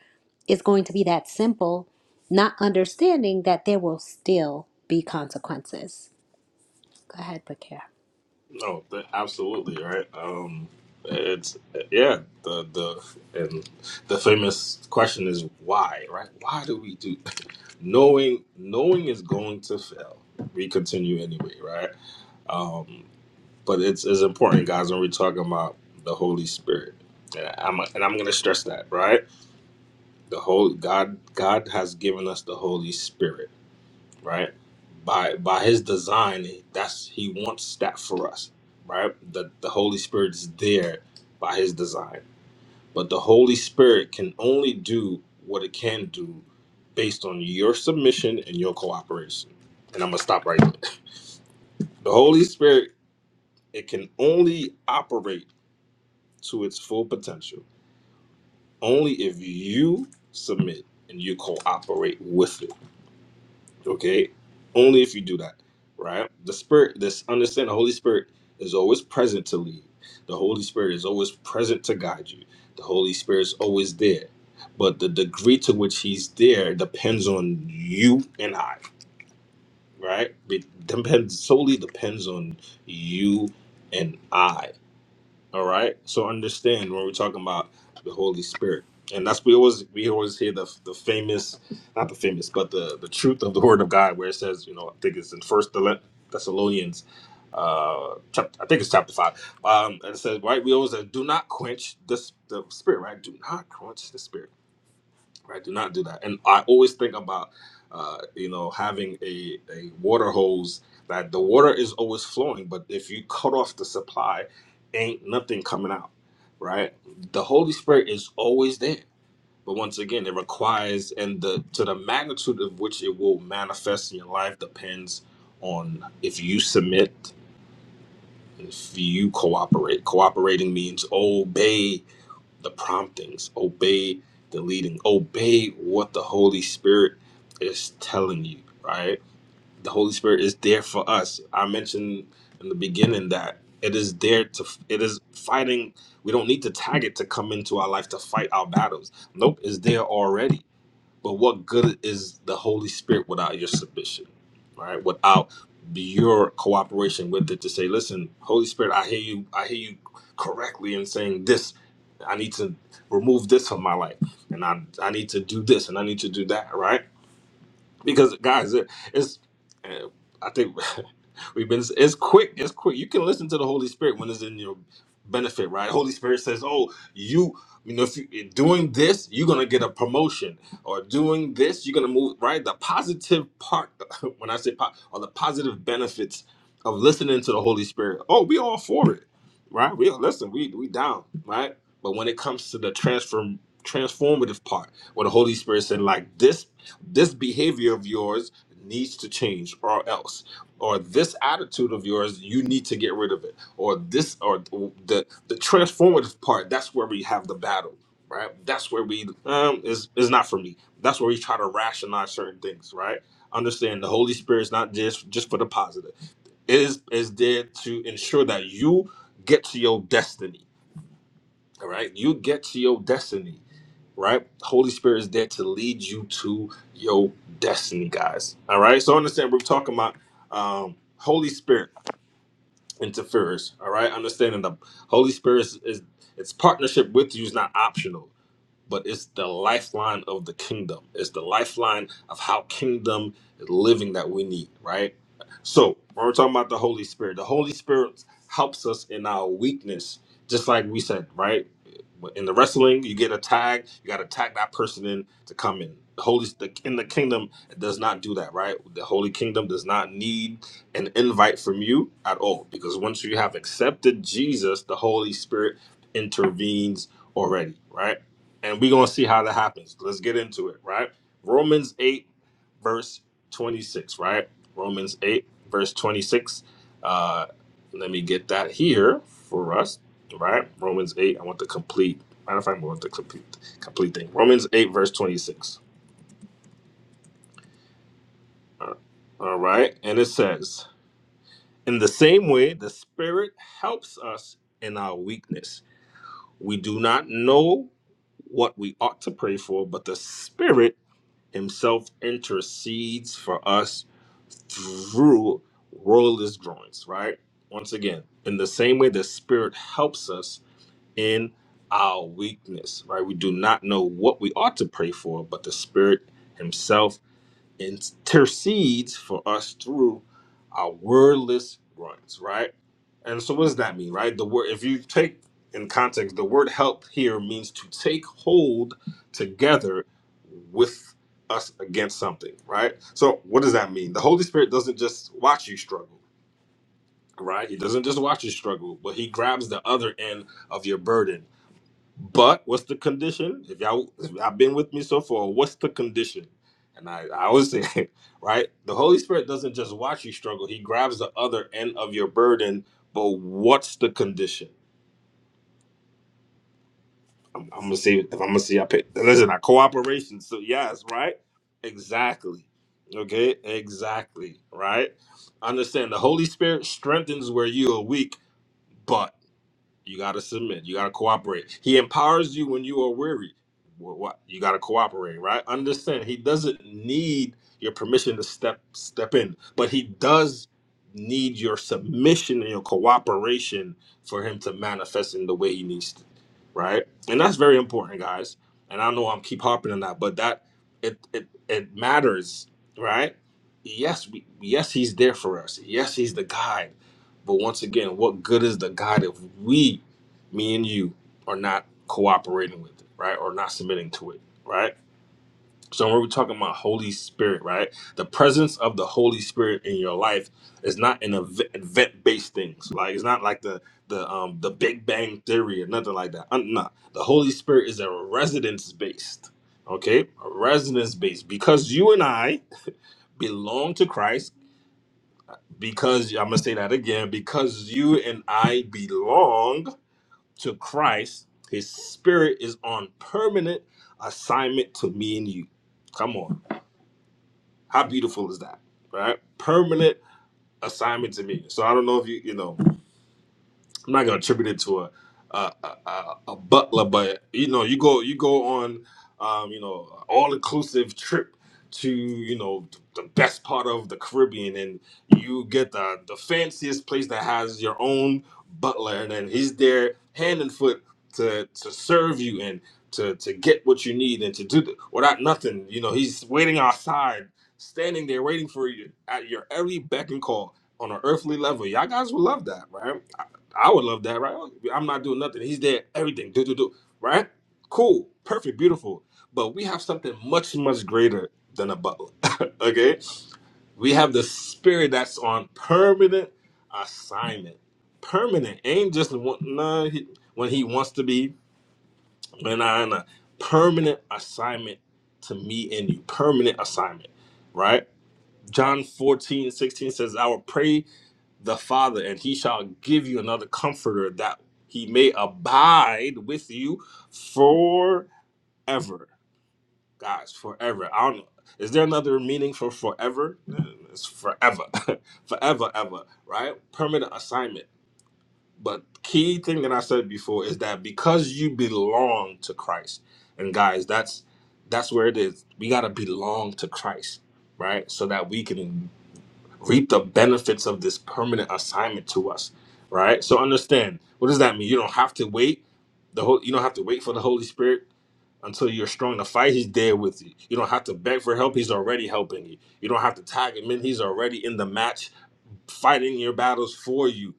is going to be that simple not understanding that there will still be consequences go ahead pakir no, th- absolutely, right? Um, it's yeah, the the and the famous question is why, right? Why do we do? Knowing knowing is going to fail. We continue anyway, right? But it's it's important, guys, when we're talking about the Holy Spirit. And I'm and I'm gonna stress that, right? the holy god god has given us the holy spirit right by by his design that's he wants that for us right the the holy spirit is there by his design but the holy spirit can only do what it can do based on your submission and your cooperation and i'm gonna stop right there the holy spirit it can only operate to its full potential only if you submit and you cooperate with it Okay? Only if you do that, right? The Spirit, this understand the Holy Spirit is always present to lead. The Holy Spirit is always present to guide you. The Holy Spirit is always there. But the degree to which He's there depends on you and I, right? It depends solely depends on you and I. All right. So understand when we're talking about the Holy Spirit. And that's we always we always hear the the famous not the famous, but the the truth of the word of God where it says, you know, I think it's in first Thessalonians uh chapter, I think it's chapter five. Um and it says, right, we always say, do not quench the, the spirit, right? Do not quench the spirit right? Do not do that. And I always think about, uh, you know, having a, a water hose that the water is always flowing, but if you cut off the supply, ain't nothing coming out, right? The Holy Spirit is always there. But once again, it requires, and the to the magnitude of which it will manifest in your life depends on if you submit, if you cooperate. Cooperating means obey the promptings, obey the leading, obey what the Holy Spirit is telling you, right? The Holy Spirit is there for us. I mentioned in the beginning that it is there to, it is fighting. We don't need to tag it to come into our life to fight our battles. Nope, it's there already but what good is the Holy Spirit without your submission? Right? Without your cooperation with it to say, listen, Holy Spirit, I hear you, I hear you correctly in saying this. I need to remove this from my life. And I I need to do this and I need to do that, right? because guys, it, it's uh, I think we've been it's quick, it's quick. You can listen to the Holy Spirit when it's in your benefit, right? Holy Spirit says, "Oh, you." You know, if you eh, doing this, you're gonna get a promotion, or doing this, you're gonna move right. The positive part, when I say po- or the positive benefits of listening to the Holy Spirit. Oh, we all for it, right? We listen, we we down, right? But when it comes to the transform transformative part, where the Holy Spirit said, like this this behavior of yours needs to change or else or this attitude of yours you need to get rid of it or this or the the transformative part that's where we have the battle right that's where we um is is not for me that's where we try to rationalize certain things right understand the holy spirit's not just just for the positive it is is there to ensure that you get to your destiny all right you get to your destiny right? Holy Spirit is there to lead you to your destiny, guys. All right. So understand we're talking about um, Holy Spirit interferes. All right. Understanding the Holy Spirit is, is its partnership with you is not optional but it's the lifeline of the kingdom. It's the lifeline of how kingdom living that we need, right? So when we're talking about the Holy Spirit, the Holy Spirit helps us in our weakness, just like we said, right? In the wrestling, you get a tag, you got to tag that person in to come in. The Holy the, in the kingdom it does not do that, right? The Holy Kingdom does not need an invite from you at all, because once you have accepted Jesus, the Holy Spirit intervenes already, right? and we're gonna see how that happens. Let's get into it, right? Romans 8, verse 26, right? Romans 8, verse 26. Uh, let me get that here for us, right? Romans 8, I want the complete. Matter of fact, I want the complete complete thing. Romans 8, verse 26. Uh, all right, and it says, In the same way, the Spirit helps us in our weakness. We do not know what we ought to pray for, but the Spirit himself intercedes for us through royalist groins, right? Once again, in the same way the Spirit helps us in our weakness, right? We do not know what we ought to pray for, but the Spirit Himself intercedes for us through our wordless groans, right? And so what does that mean, right? The word if you take in context, the word help here means to take hold together with us against something, right? So what does that mean? The Holy Spirit doesn't just watch you struggle, right? He doesn't just watch you struggle, but he grabs the other end of your burden but what's the condition? If y'all if y'all been with me so far, what's the condition? And I, I always say, right? The Holy Spirit doesn't just watch you struggle, he grabs the other end of your burden. But what's the condition? I'm, I'm gonna see if I'm gonna see I pay listen, I cooperation. So yes, right? Exactly. Okay, exactly. Right? Understand the Holy Spirit strengthens where you are weak, but. You got to submit. You got to cooperate. He empowers you when you are weary. Wh- What you got to cooperate, right? Understand. He doesn't need your permission to step step in, but he does need your submission and your cooperation for him to manifest in the way he needs to, right? And that's very important, guys. And I know I'm keep harping on that, but that it it it matters, right? Yes, we yes he's there for us. Yes, he's the guide but once again, what good is the God if we, me and you, are not cooperating with it, right? Or not submitting to it, right? So when we're talking about Holy Spirit, right? The presence of the Holy Spirit in your life is not an event based things. Like it's not like the the um the Big Bang theory or nothing like that. I'm not. The Holy Spirit is a residence based. Okay? A residence based. Because you and I belong to Christ because I'm gonna say that again because you and I belong to Christ, His Spirit is on permanent assignment to me and you. Come on, how beautiful is that, right? Permanent assignment to me. So I don't know if you you know. I'm not gonna attribute it to a a, a, a a butler, but you know, you go you go on, um, you know, all inclusive trip to you know the best part of the Caribbean, and you get the the fanciest place that has your own butler, and then he's there hand and foot to to serve you and to to get what you need and to do the, without nothing. You know, he's waiting outside, standing there waiting for you at your every beck and call on an earthly level. Y'all guys would love that, right? I would love that, right? I'm not doing nothing. He's there, everything, do, do, do, right? Cool, perfect, beautiful. But we have something much, much greater than a butler, okay? We have the spirit that's on permanent assignment. Permanent ain't just one, nah, he, when he wants to be, when I nah. nah. permanent assignment to me and you, permanent assignment, right? John 14 16 says, I will pray the Father, and he shall give you another comforter that he may abide with you forever. Guys, forever. I don't know. Is there another meaning for forever? Mm, It's forever. forever, ever, right? Permanent assignment. But key thing that I said before is that because you belong to Christ, and guys, that's that's where it is. We gotta belong to Christ, right? So that we can reap the benefits of this permanent assignment to us right so understand what does that mean you don't have to wait the whole you don't have to wait for the holy spirit until you're strong to fight he's there with you you don't have to beg for help he's already helping you you don't have to tag him in he's already in the match fighting your battles for you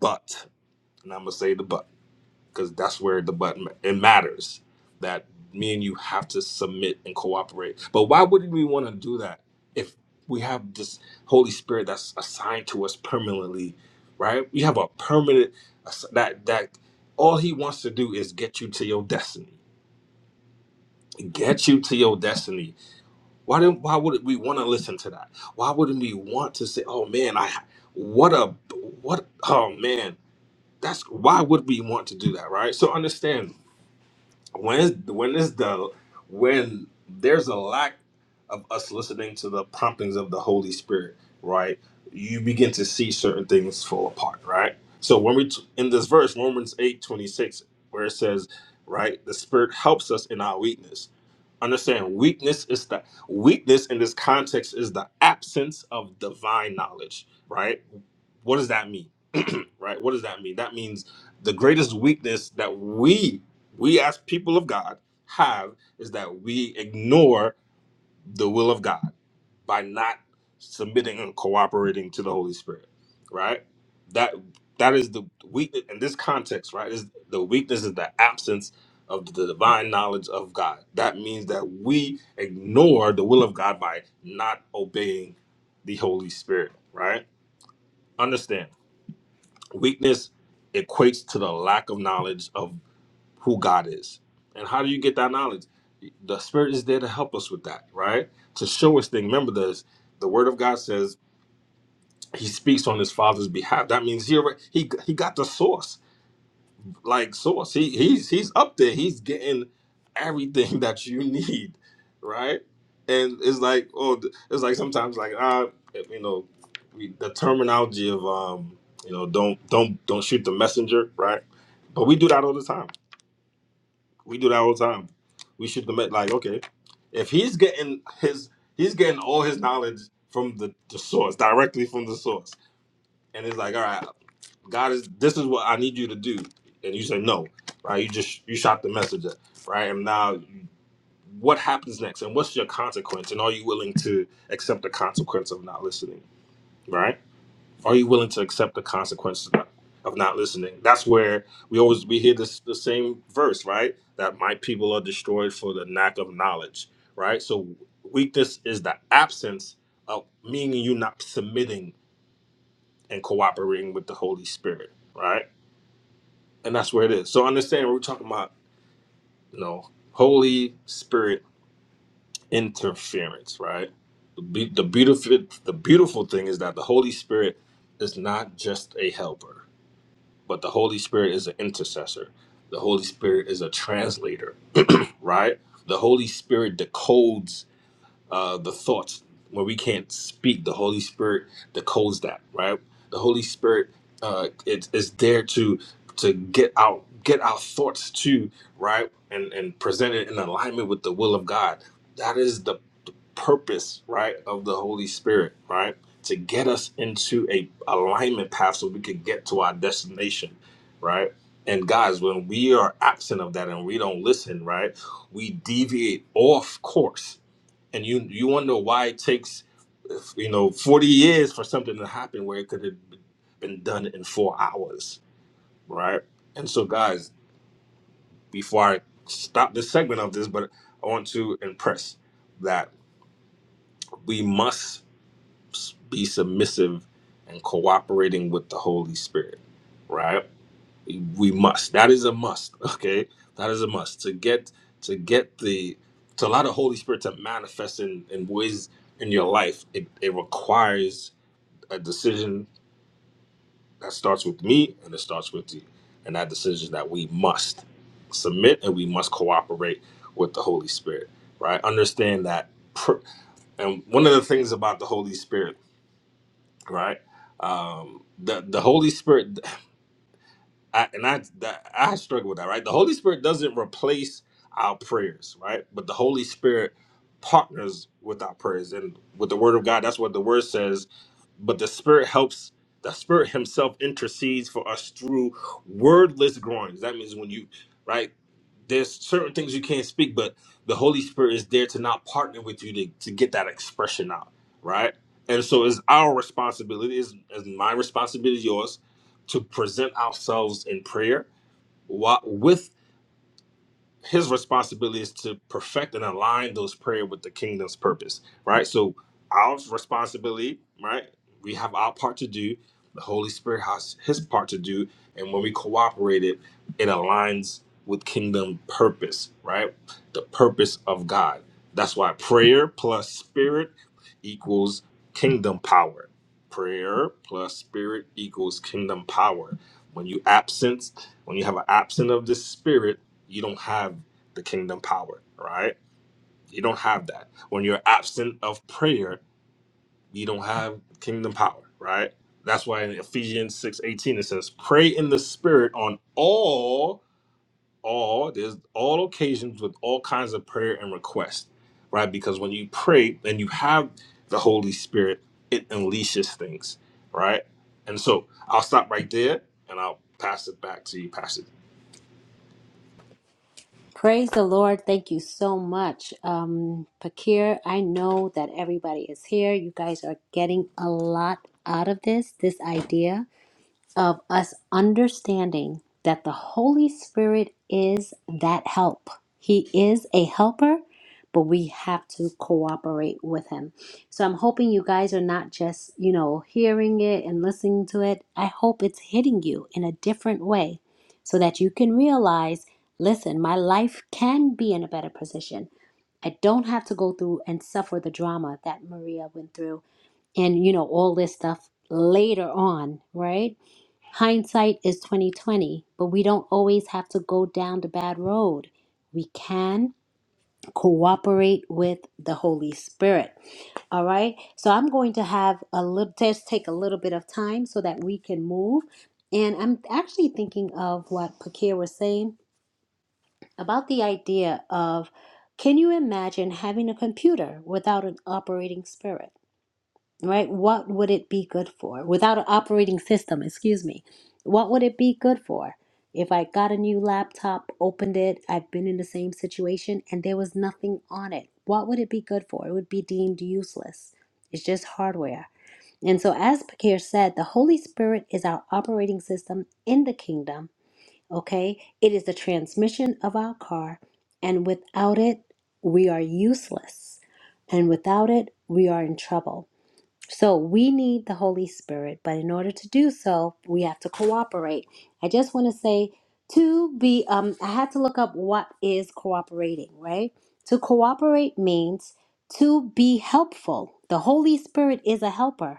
but and i'm gonna say the but because that's where the button it matters that me and you have to submit and cooperate but why wouldn't we want to do that if we have this holy spirit that's assigned to us permanently right we have a permanent that that all he wants to do is get you to your destiny get you to your destiny why didn't why would we want to listen to that why wouldn't we want to say oh man i what a what oh man that's why would we want to do that right so understand when is when is the when there's a lack of us listening to the promptings of the Holy Spirit, right? You begin to see certain things fall apart, right? So when we t- in this verse Romans eight twenty six, where it says, right, the Spirit helps us in our weakness. Understand, weakness is the weakness in this context is the absence of divine knowledge, right? What does that mean? right? What does that mean? That means the greatest weakness that we we as people of God have is that we ignore the will of God by not submitting and cooperating to the Holy Spirit, right? That that is the weakness in this context, right? Is the weakness is the absence of the divine knowledge of God. That means that we ignore the will of God by not obeying the Holy Spirit, right? Understand, weakness equates to the lack of knowledge of who God is. And how do you get that knowledge? The Spirit is there to help us with that, right? To show us things. Remember this: the Word of God says He speaks on His Father's behalf. That means He already, he he got the source, like source. He he's he's up there. He's getting everything that you need, right? And it's like oh, it's like sometimes like ah, you know, we, the terminology of um, you know, don't don't don't shoot the messenger, right? But we do that all the time We do that all the time. We shoot the met like, okay, if he's getting his he's getting all his knowledge from the, the source, directly from the source. And it's like, all right, God is this is what I need you to do. And you say no. Right? You just you shot the messenger. Right? And now what happens next and what's your consequence? And are you willing to accept the consequence of not listening? Right? Are you willing to accept the consequences of not of not listening? That's where we always we hear this the same verse, right? That my people are destroyed for the lack of knowledge, right? So weakness is the absence of meaning you not submitting and cooperating with the Holy Spirit, right? And that's where it is. So understand we're talking about, you know, Holy Spirit interference, right? The, be- the beautiful the beautiful thing is that the Holy Spirit is not just a helper. but the Holy Spirit is an intercessor. The Holy Spirit is a translator, right? The Holy Spirit decodes uh, the thoughts when we can't speak. The Holy Spirit decodes that, right? The Holy Spirit uh, it is there to to get out get our thoughts to right and and present it in alignment with the will of God. That is the purpose, right, of the Holy Spirit, right, to get us into a alignment path so we could get to our destination, right? And guys, when we are absent of that and we don't listen, right, we deviate off course. And you you wonder why it takes, you know, forty years for something to happen where it could have been done in four hours, right? And so, guys, before I stop this segment of this, but I want to impress that we must be submissive and cooperating with the Holy Spirit, right? We must. That is a must. Okay, that is a must to get to get the to allow the Holy Spirit to manifest in in ways in your life. It it requires a decision that starts with me and it starts with you, and that decision is that we must submit and we must cooperate with the Holy Spirit, right? Understand that. pr- And one of the things about the Holy Spirit right? Um, the the Holy Spirit. I, and I, that, I struggle with that, right? The Holy Spirit doesn't replace our prayers, right? But the Holy Spirit partners with our prayers and with the Word of God. That's what the Word says. But the Spirit helps. The Spirit Himself intercedes for us through wordless groans. That means when you, right? There's certain things you can't speak, but the Holy Spirit is there to not partner with you to, to get that expression out, right? And so it's our responsibility, is my responsibility, yours to present ourselves in prayer wa- with his responsibility is to perfect and align those prayer with the kingdom's purpose, right? So our responsibility, right? We have our part to do. The Holy Spirit has his part to do, and when we cooperate, it it aligns with kingdom purpose, right? The purpose of God. That's why prayer plus spirit equals kingdom power. Prayer plus spirit equals kingdom power. When you absence, when you have an absent of the spirit you don't have the kingdom power, right? You don't have that. When you're absent of prayer, you don't have kingdom power, right? That's why in Ephesians 6 18 it says, Pray in the spirit on all, all, there's all occasions with all kinds of prayer and request, right? Because when you pray and you have the Holy Spirit, it unleashes things, right? And so I'll stop right there and I'll pass it back to you, Pastor. praise the lord thank you so much um pakir i know that everybody is here you guys are getting a lot out of this this idea of us understanding that the Holy Spirit is that help. He is a helper, but we have to cooperate with him. So I'm hoping you guys are not just, you know, hearing it and listening to it. I hope it's hitting you in a different way so that you can realize listen, my life can be in a better position. I don't have to go through and suffer the drama that Maria went through and, you know, all this stuff later on, right? Hindsight is 2020, but we don't always have to go down the bad road. We can cooperate with the Holy Spirit. All right. So I'm going to have a little just take a little bit of time so that we can move. And I'm actually thinking of what Pakir was saying about the idea of can you imagine having a computer without an operating spirit? right? What would it be good for? Without an operating system, excuse me. What would it be good for? If I got a new laptop, opened it, I've been in the same situation and there was nothing on it, what would it be good for? It would be deemed useless. It's just hardware. And so, as Pakir said, the Holy Spirit is our operating system in the kingdom, okay? It is the transmission of our car, and without it, we are useless. And without it, we are in trouble. So we need the Holy Spirit, but in order to do so, we have to cooperate. I just want to say to be um I had to look up what is cooperating, right? To cooperate means to be helpful. The Holy Spirit is a helper.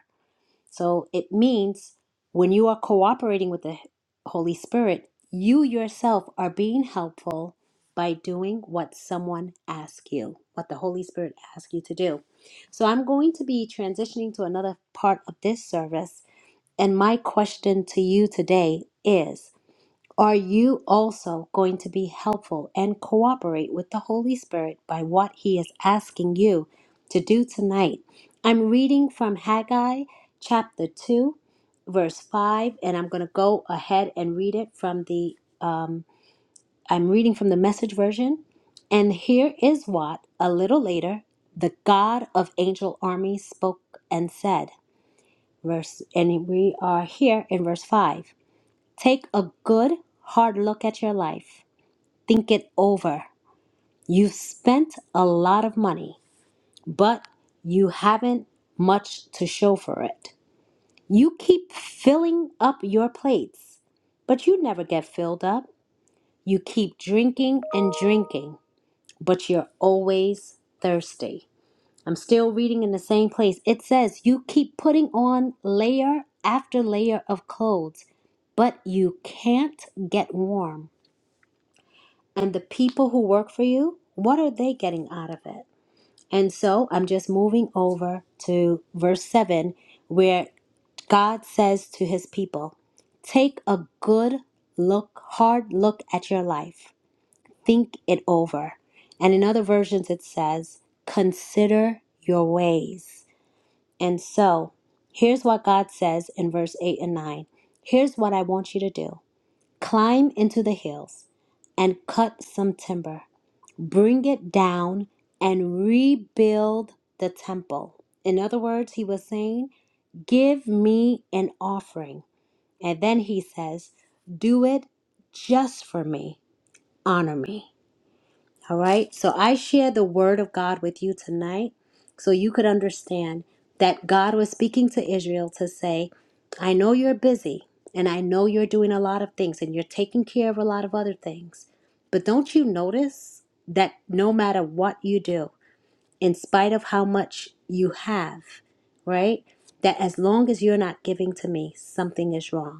So it means when you are cooperating with the Holy Spirit, you yourself are being helpful by doing what someone asks you, what the Holy Spirit asks you to do. So I'm going to be transitioning to another part of this service. And my question to you today is are you also going to be helpful and cooperate with the Holy Spirit by what He is asking you to do tonight? I'm reading from Haggai chapter 2, verse 5, and I'm going to go ahead and read it from the, um, I'm reading from the message version. And here is what, a little later, the God of angel armies spoke and said. Verse, and we are here in verse 5. Take a good, hard look at your life. Think it over. You've spent a lot of money, but you haven't much to show for it. You keep filling up your plates, but you never get filled up. You keep drinking and drinking, but you're always thirsty. I'm still reading in the same place. It says, You keep putting on layer after layer of clothes, but you can't get warm. and the people who work for you, what are they getting out of it? And so I'm just moving over to verse 7, where God says to his people, Take a good look, hard look at your life, think it over. And in other versions, it says, Consider your ways. And so here's what God says in verse 8 and 9 Here's what I want you to do climb into the hills and cut some timber bring it down, and rebuild the temple. In other words, he was saying, Give me an offering. And then he says, Do it just for me, honor me. All right. So I share the word of God with you tonight so you could understand that God was speaking to Israel to say, I know you're busy and I know you're doing a lot of things and you're taking care of a lot of other things. But don't you notice that no matter what you do, in spite of how much you have, right? That as long as you're not giving to me, something is wrong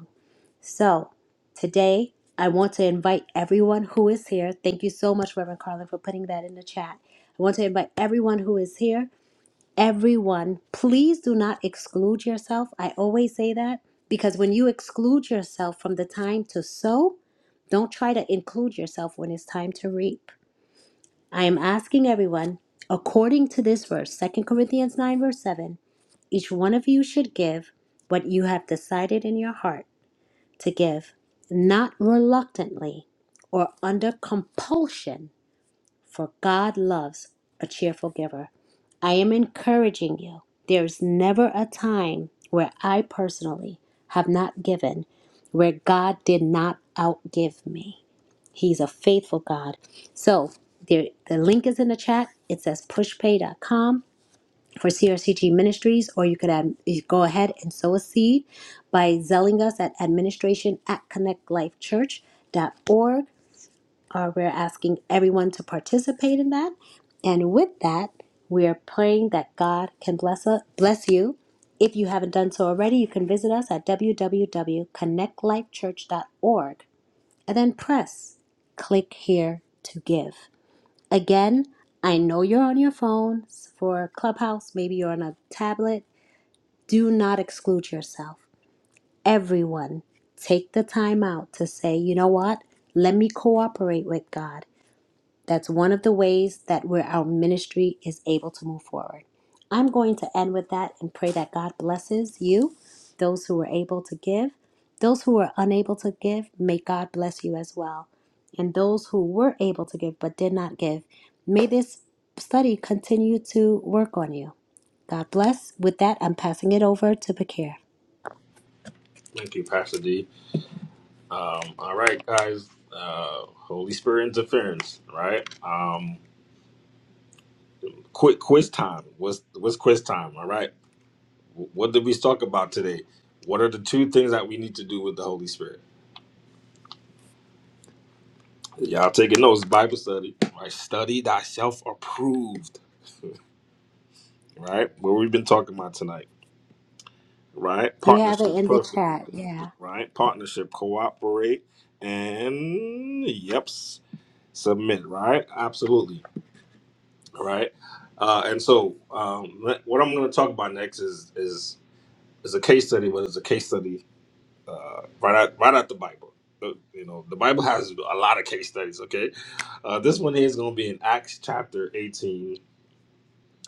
so today, I want to invite everyone who is here. Thank you so much, Reverend Carlin, for putting that in the chat. I want to invite everyone who is here. Everyone, please do not exclude yourself. I always say that because when you exclude yourself from the time to sow, don't try to include yourself when it's time to reap. I am asking everyone, according to this verse, Second Corinthians 9, verse 7, each one of you should give what you have decided in your heart to give, not reluctantly or under compulsion, for God loves a cheerful giver. I am encouraging you. There is never a time where I personally have not given, where God did not outgive me. He's a faithful God. So there, the link is in the chat. It says pushpay.com for CRCG Ministries, or you could add, you go ahead and sow a seed by zelling us at administration at connectlifechurch.org. Uh, we're asking everyone to participate in that. And with that, we are praying that God can bless us, bless you. If you haven't done so already, you can visit us at w w w dot connect life church dot org and then press click here to give. Again, I know you're on your phones for Clubhouse, maybe you're on a tablet. Do not exclude yourself. Everyone, take the time out to say, you know what? Let me cooperate with God. That's one of the ways that where our ministry is able to move forward. I'm going to end with that and pray that God blesses you, those who were able to give. Those who were unable to give, may God bless you as well. And those who were able to give but did not give, may this study continue to work on you. God bless. With that, I'm passing it over to Bakir. Thank you, Pastor D. Um, all right, guys. Uh, Holy Spirit interference. Right. Um, quick quiz time. What's what's quiz time? All right. Wh- What did we talk about today? What are the two things that we need to do with the Holy Spirit? Y'all taking notes? Bible study. Right. Study thyself approved. Right. What we've been talking about tonight. Right. You have it Partnership. in the Perfect. chat. Yeah. Right. Partnership. Cooperate. And yep. s- Submit. Right. Absolutely. All right. Uh, and so, um, let- what I'm going to talk about next is is is a case study, but it's a case study uh, right out right out the Bible. Uh, You know, the Bible has a lot of case studies. Okay, uh, this one here is going to be in Acts chapter 18,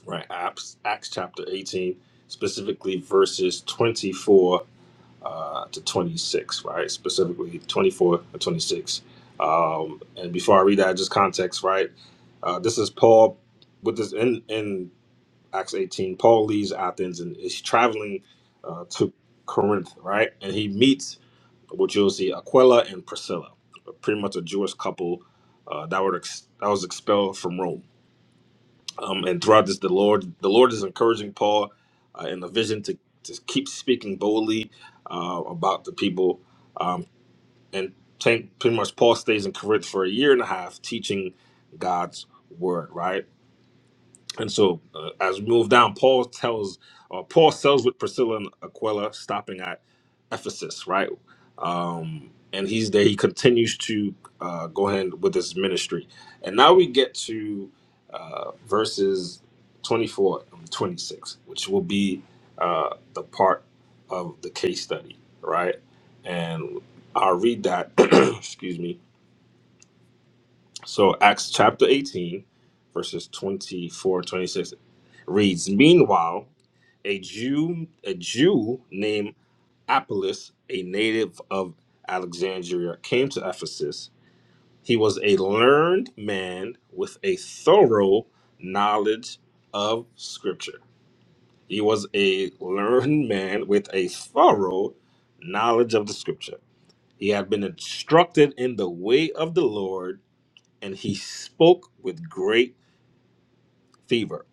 right? Acts Acts chapter 18, specifically verses 24 uh, to 26, right? Specifically 24 to 26. Um, and before I read that, just context, right? Uh, this is Paul with this in in Acts 18. Paul leaves Athens and is traveling uh, to Corinth, right? And he meets which you'll see Aquila and Priscilla, pretty much a Jewish couple uh, that were ex- that was expelled from Rome. Um, and throughout this, the Lord the Lord is encouraging Paul uh, in the vision to, to keep speaking boldly uh, about the people. Um, and t- pretty much Paul stays in Corinth for a year and a half teaching God's word, right? And so, uh, as we move down, Paul tells, uh, Paul sells with Priscilla and Aquila, stopping at Ephesus, right? Um, and he's there. He continues to uh, go ahead with his ministry. And now we get to uh, verses 24 and 26, which will be uh, the part of the case study, right? And I'll read that, excuse me, so Acts chapter 18, verses 24 26, reads, Meanwhile, a Jew, a Jew named Apollos, a native of Alexandria, came to Ephesus. He was a learned man with a thorough knowledge of scripture. He was a learned man with a thorough knowledge of the scripture. He had been instructed in the way of the Lord and he spoke with great favor,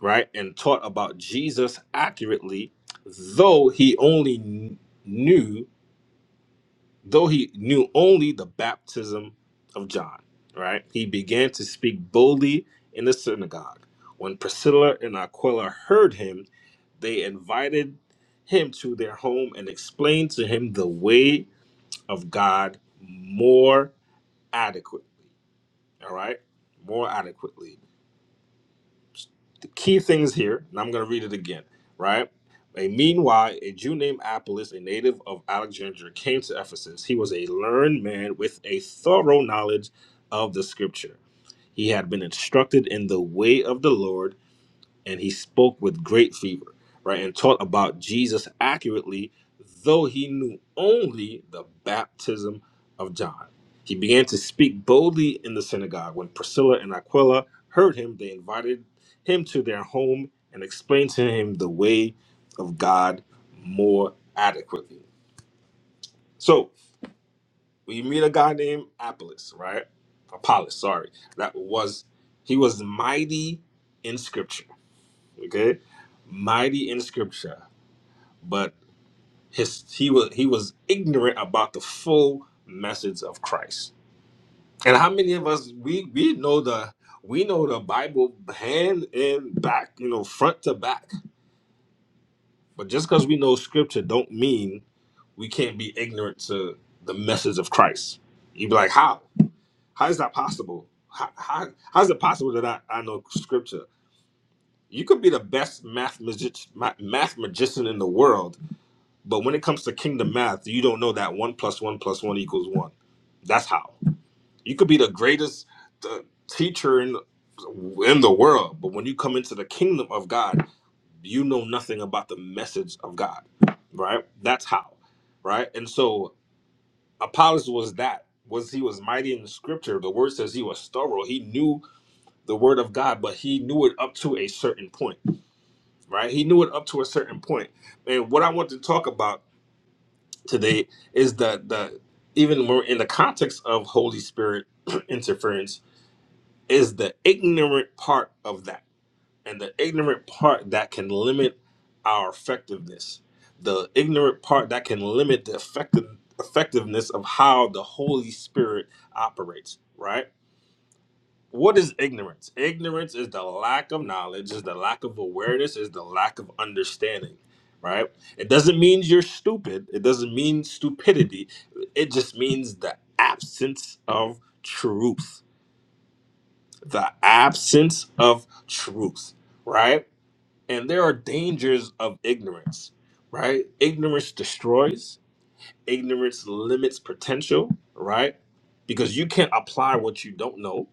right? And taught about Jesus accurately, though he only kn- knew, though he knew only the baptism of John, right? He began to speak boldly in the synagogue. When Priscilla and Aquila heard him, they invited him to their home and explained to him the way of God more adequately, all right? More adequately key things here, and I'm going to read it again, right? A meanwhile, a Jew named Apollos, a native of Alexandria, came to Ephesus. He was a learned man with a thorough knowledge of the scripture. He had been instructed in the way of the Lord and he spoke with great fever, right, and taught about Jesus accurately, though he knew only the baptism of John. He began to speak boldly in the synagogue. When Priscilla and Aquila heard him, they invited him to their home and explained to him the way of God more adequately. So we meet a guy named Apollos, right? Apollos, sorry. That was he was mighty in scripture okay mighty in scripture but his he was he was ignorant about the full message of christ and how many of us we we know the we know the bible hand and back you know front to back but just because we know scripture don't mean we can't be ignorant to the message of christ you'd be like how how is that possible how, how, how is it possible that I, I know scripture you could be the best math, magi- ma- math magician in the world But when it comes to kingdom math, you don't know that one plus one plus one equals one. That's how. You could be the greatest uh, teacher in in the world, but when you come into the kingdom of God, you know nothing about the message of God, right? That's how, right? And so Apollos was that. Was he was mighty in the scripture? The word says he was thorough. He knew the word of God, but he knew it up to a certain point, right? He knew it up to a certain point. And what I want to talk about today is that the even more in the context of Holy Spirit interference is the ignorant part of that, and the ignorant part that can limit our effectiveness, the ignorant part that can limit the effective effectiveness of how the Holy Spirit operates, right? what is ignorance? Ignorance is the lack of knowledge, is the lack of awareness, is the lack of understanding, right? It doesn't mean you're stupid. It doesn't mean stupidity. It just means the absence of truth, the absence of truth, right? And there are dangers of ignorance, right? Ignorance destroys, ignorance limits potential, right? Because you can't apply what you don't know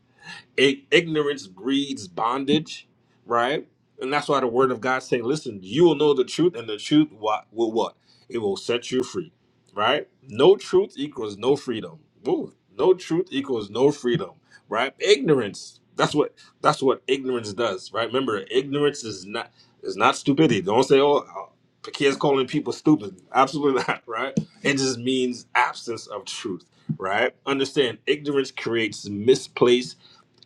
I- ignorance breeds bondage, right? And that's why the word of God saying, listen, you will know the truth, and the truth what will what? It will set you free, right? No truth equals no freedom. Ooh, no truth equals no freedom, right? Ignorance. That's what that's what ignorance does, right? Remember, ignorance is not is not stupidity. Don't say, oh, uh, kids calling people stupid. Absolutely not, right? It just means absence of truth, right? Understand, ignorance creates misplaced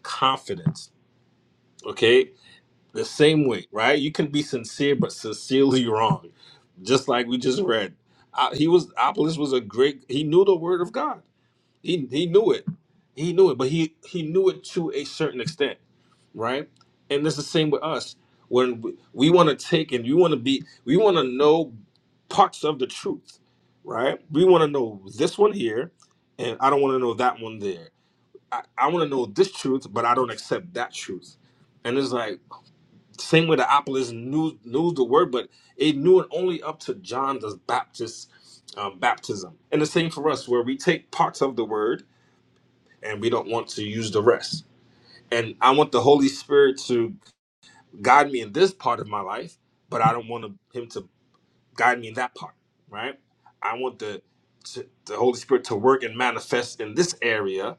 confidence. Okay, the same way, right? You can be sincere but sincerely wrong, just like we just read. Uh, he was Apollos was a great. He knew the word of God. He he knew it. He knew it, but he he knew it to a certain extent, right? And it's the same with us. When we, we want to take and you want to be, we want to know parts of the truth, right? We want to know this one here, and I don't want to know that one there I, I want to know this truth, but I don't accept that truth. And it's like same way the Apostles knew knew the word, but it knew it only up to John the Baptist um, baptism. And the same for us, where we take parts of the word and we don't want to use the rest. And I want the Holy Spirit to guide me in this part of my life, but I don't want Him to guide me in that part. Right? I want the to, the Holy Spirit to work and manifest in this area,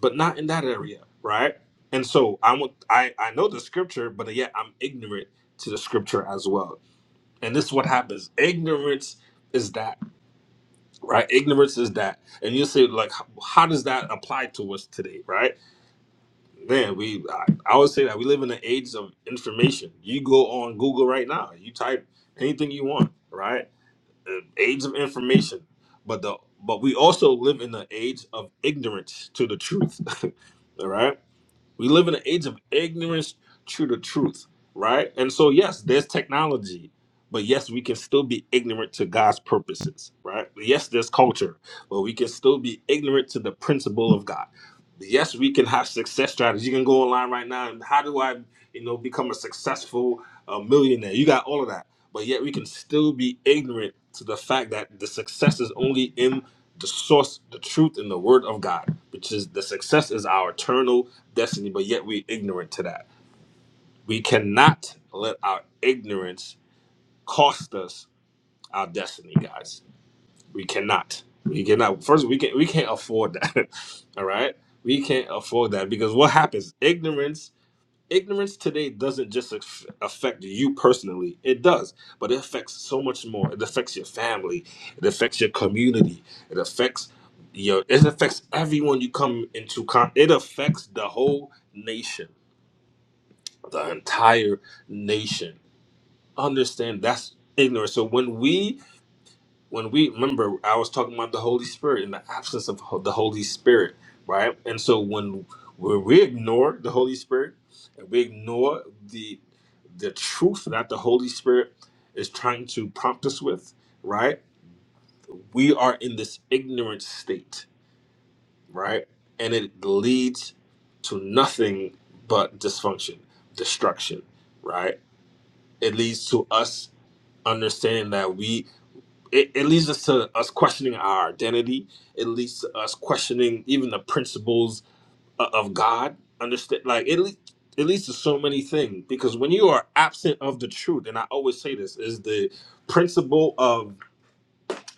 but not in that area, right? And so I want I I know the scripture, but yet I'm ignorant to the scripture as well. And this is what happens. Ignorance is that, right? Ignorance is that. And you say like how, how does that apply to us today, right? Man, we I, I always say that we live in an age of information. You go on Google right now, you type anything you want, right? Uh, Age of information. But the but we also live in the age of ignorance to the truth. All right we live in an age of ignorance true to truth, right? And so, yes, there's technology, but yes, we can still be ignorant to God's purposes, right? Yes, there's culture, but we can still be ignorant to the principle of God. Yes, we can have success strategies. You can go online right now and how do I, you know, become a successful uh, millionaire? You got all of that, but yet we can still be ignorant to the fact that the success is only in the source, the truth, and the word of God, which is the success is our eternal destiny, but yet we're ignorant to that. We cannot let our ignorance cost us our destiny, guys. We cannot. We cannot. First, we can not we can't afford that. All right, we can't afford that because what happens? Ignorance. Ignorance today doesn't just aff- affect you personally. It does, but it affects so much more. It affects your family. It affects your community. It affects your. It affects everyone you come into. Con- it affects the whole nation the entire nation. Understand that's ignorance. So when we when we remember, I was talking about the Holy Spirit and the absence of ho- the Holy Spirit, right? And so when when we ignore the Holy Spirit and we ignore the the truth that the Holy Spirit is trying to prompt us with, right? We are in this ignorant state, right? And it leads to nothing but dysfunction, destruction, right? it leads to us understanding that we it, it leads us to us questioning our identity it leads to us questioning even the principles o- of god understand like it, le- it leads to so many things because when you are absent of the truth and i always say this is the principle of.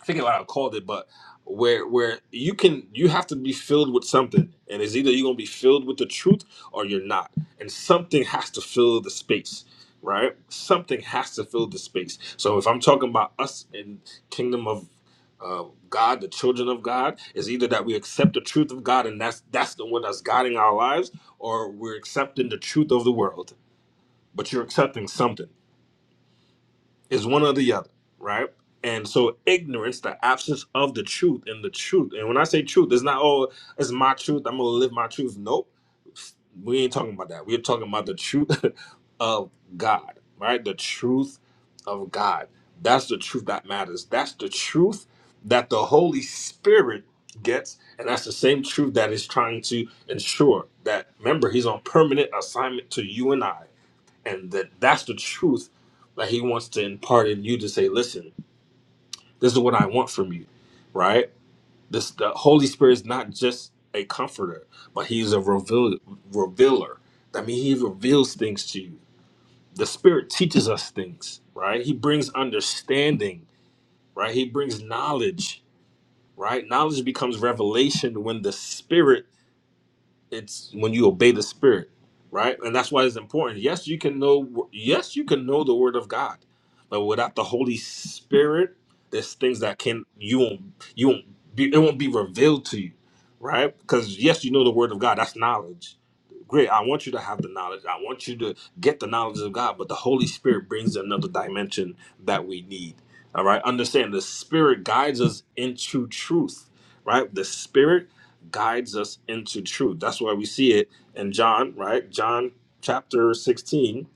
I forget what I called it, but where where you can you have to be filled with something, and it's either you're gonna be filled with the truth or you're not, and something has to fill the space, right? Something has to fill the space. So if I'm talking about us in kingdom of uh, God, the children of God, it's either that we accept the truth of God, and that's that's the one that's guiding our lives, or we're accepting the truth of the world. But you're accepting something. It's one or the other, right? And so ignorance, the absence of the truth and the truth. And when I say truth, it's not oh, it's my truth. I'm gonna live my truth. Nope. We ain't talking about that. We're talking about the truth of God, right? The truth of God. That's the truth that matters. That's the truth that the Holy Spirit gets, and that's the same truth that is trying to ensure that remember, he's on permanent assignment to you and I and that that's the truth that he wants to impart in you to say listen this is what i want from you right this the holy spirit is not just a comforter but he's a reveal, revealer i mean he reveals things to you the spirit teaches us things right he brings understanding right he brings knowledge right knowledge becomes revelation when the spirit it's when you obey the spirit right and that's why it's important yes you can know yes you can know the word of god but without the holy spirit there's things that can you won't you won't be it won't be revealed to you right because yes you know the word of god that's knowledge great i want you to have the knowledge i want you to get the knowledge of god but the holy spirit brings another dimension that we need all right understand the spirit guides us into truth right the spirit guides us into truth. That's why we see it in John, right? John chapter 16.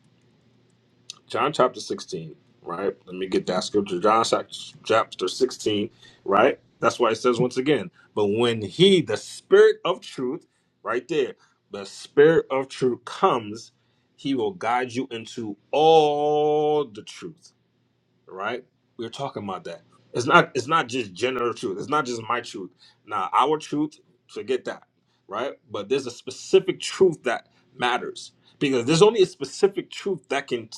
John chapter 16, right? Let me get that scripture. John chap- chapter 16, right? That's why it says once again, but when he, the spirit of truth, right there, the spirit of truth comes, he will guide you into all the truth right? We were talking about that. It's not it's not just general truth. It's not just my truth. Now our truth, forget that, right? But there's a specific truth that matters because there's only a specific truth that can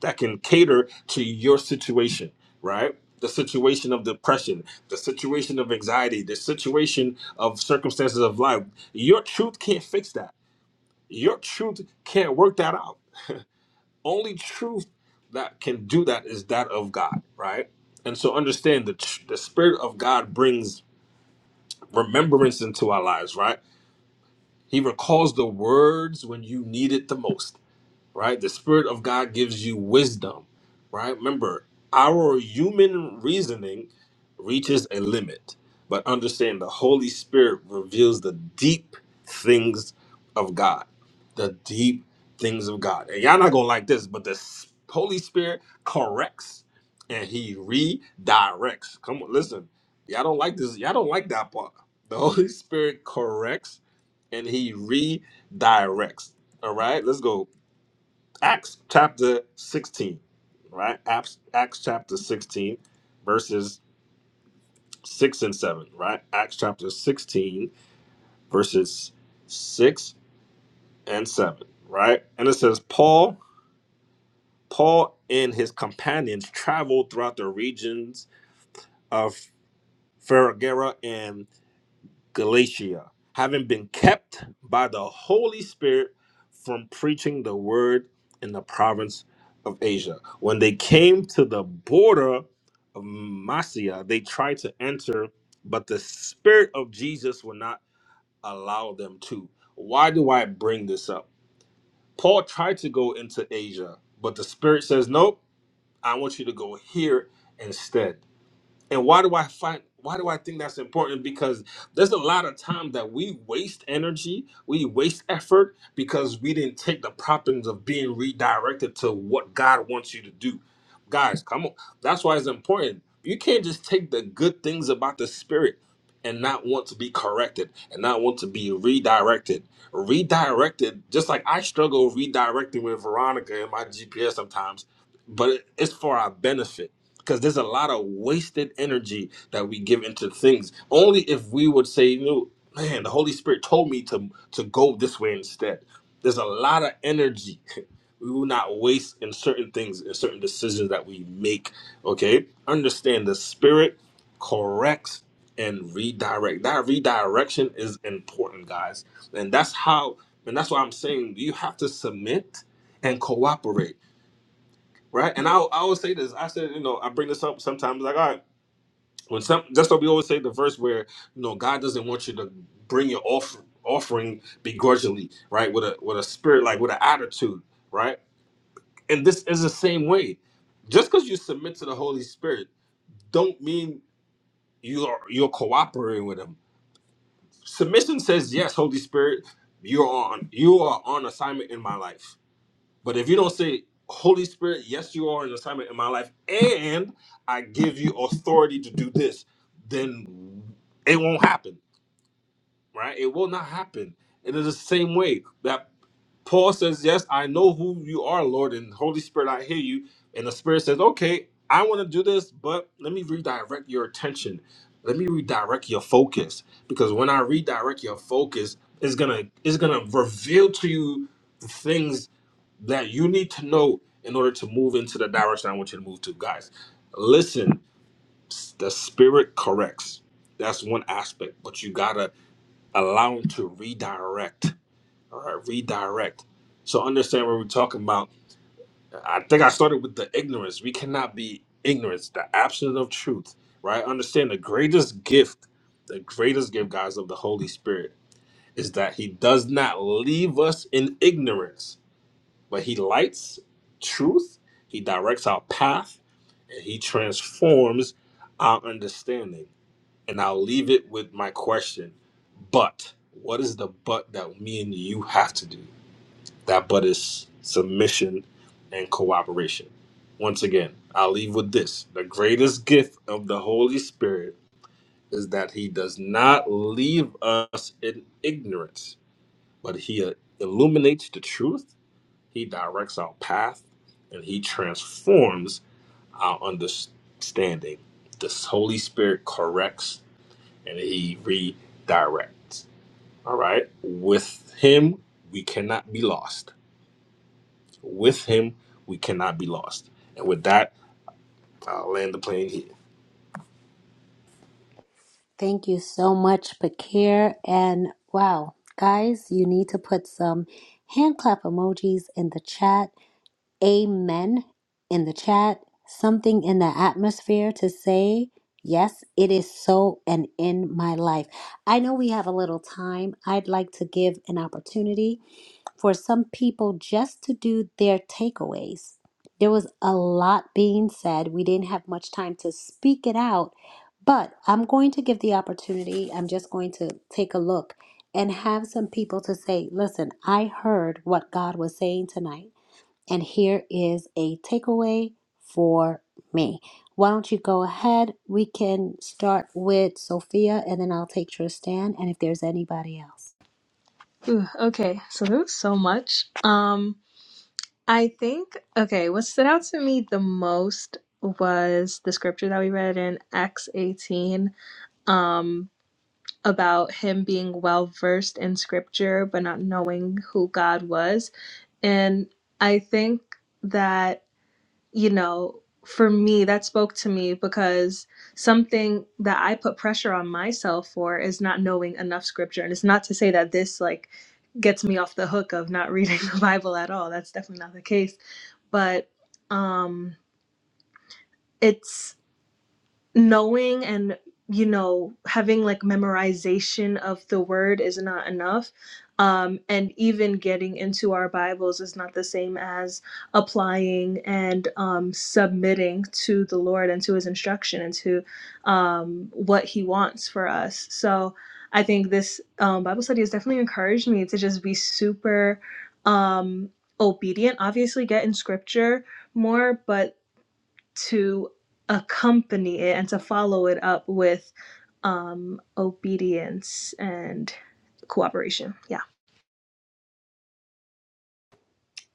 that can cater to your situation, right? The situation of depression, the situation of anxiety, the situation of circumstances of life. Your truth can't fix that. Your truth can't work that out only truth that can do that is that of God, right? And so understand the tr- the spirit of God brings remembrance into our lives, right? He recalls the words when you need it the most right? The Spirit of God gives you wisdom, right? Remember, our human reasoning reaches a limit, but understand the Holy Spirit reveals the deep things of God, the deep things of God. And y'all not gonna like this, but the S- Holy Spirit corrects and He redirects. Come on, listen, y'all don't like this. Y'all don't like that part. The Holy Spirit corrects and He redirects. All right, let's go. Acts chapter 16, right? Acts, Acts chapter 16, verses 6 and 7, right? Acts chapter 16, verses 6 and 7, right? And it says, Paul, Paul and his companions traveled throughout the regions of Ferragera Galatia, having been kept by the Holy Spirit from preaching the word in the province of Asia. When they came to the border of Mysia, they tried to enter, but the Spirit of Jesus would not allow them to. Why do I bring this up? Paul tried to go into Asia, but the Spirit says, Nope, I want you to go here instead. And why do I find why do I think that's important? Because there's a lot of time that we waste energy, we waste effort because we didn't take the promptings of being redirected to what God wants you to do. Guys, come on. That's why it's important. You can't just take the good things about the spirit and not want to be corrected and not want to be redirected. Redirected, just like I struggle redirecting with Veronica and my GPS sometimes, but it- it's for our benefit because there's a lot of wasted energy that we give into things. Only if we would say, "No, man, the Holy Spirit told me to to go this way instead." There's a lot of energy we will not waste in certain things, in certain decisions that we make. Okay, understand the Spirit corrects and redirect. That redirection is important, guys, and that's how. And that's why I'm saying you have to submit and cooperate Right. And I I always say this. I said, you know, I bring this up sometimes like, all right, when some that's what we always say the verse where, you know, God doesn't want you to bring your offering offering begrudgingly, right? With a with a spirit, like with an attitude, right? And this is the same way. Just because you submit to the Holy Spirit, don't mean you are you're cooperating with him. Submission says, Yes, Holy Spirit, you're on you are on assignment in my life But if you don't say, Holy Spirit, yes, you are an assignment in my life, and I give you authority to do this, then it won't happen right? It will not happen. And it's the same way that Paul says, Yes, I know who you are, Lord, and Holy Spirit, I hear you. And the Spirit says, Okay, I want to do this, but let me redirect your attention. Let me redirect your focus. Because when I redirect your focus, it's gonna it's gonna reveal to you the things that you need to know in order to move into the direction I want you to move to. Guys, listen, the spirit corrects. That's one aspect, but you gotta allow him to redirect. All right, redirect. So understand what we're talking about. I think I started with the ignorance. We cannot be ignorant, the absence of truth, right? Understand the greatest gift, the greatest gift, guys, of the Holy Spirit is that he does not leave us in ignorance, but he lights truth, he directs our path, and he transforms our understanding and I'll leave it with my question. But what is the but that me and you have to do? That but is submission and cooperation. Once again, I'll leave with this. The greatest gift of the Holy Spirit is that he does not leave us in ignorance, but he illuminates the truth, he directs our path, and he transforms our understanding. The Holy Spirit corrects and he redirects. All right. With him, we cannot be lost. With him, we cannot be lost. And with that, I'll land the plane here. Thank you so much, Pakir. And wow, guys, you need to put some hand clap emojis in the chat. Amen in the chat. Something in the atmosphere to say, yes, it is so and in my life. I know we have a little time. I'd like to give an opportunity for some people just to do their takeaways. There was a lot being said. We didn't have much time to speak it out, but I'm going to give the opportunity. I'm just going to take a look and have some people to say, listen, I heard what God was saying tonight, and here is a takeaway for me. Why don't you go ahead? We can start with Sophia, and then I'll take Tristan, and if there's anybody else. Ooh, okay, so there was so much. Um, I think, okay, what stood out to me the most was the scripture that we read in Acts 18 um, about him being well versed in scripture, but not knowing who God was. And I think that, you know, for me, that spoke to me because something that I put pressure on myself for is not knowing enough scripture. And it's not to say that this, like, gets me off the hook of not reading the Bible at all. That's definitely not the case but um it's knowing and you know having like memorization of the word is not enough um and even getting into our bibles is not the same as applying and um submitting to the lord and to his instruction and to um what he wants for us so i think this um bible study has definitely encouraged me to just be super um obedient obviously get in scripture more but to accompany it and to follow it up with um, obedience and cooperation. Yeah.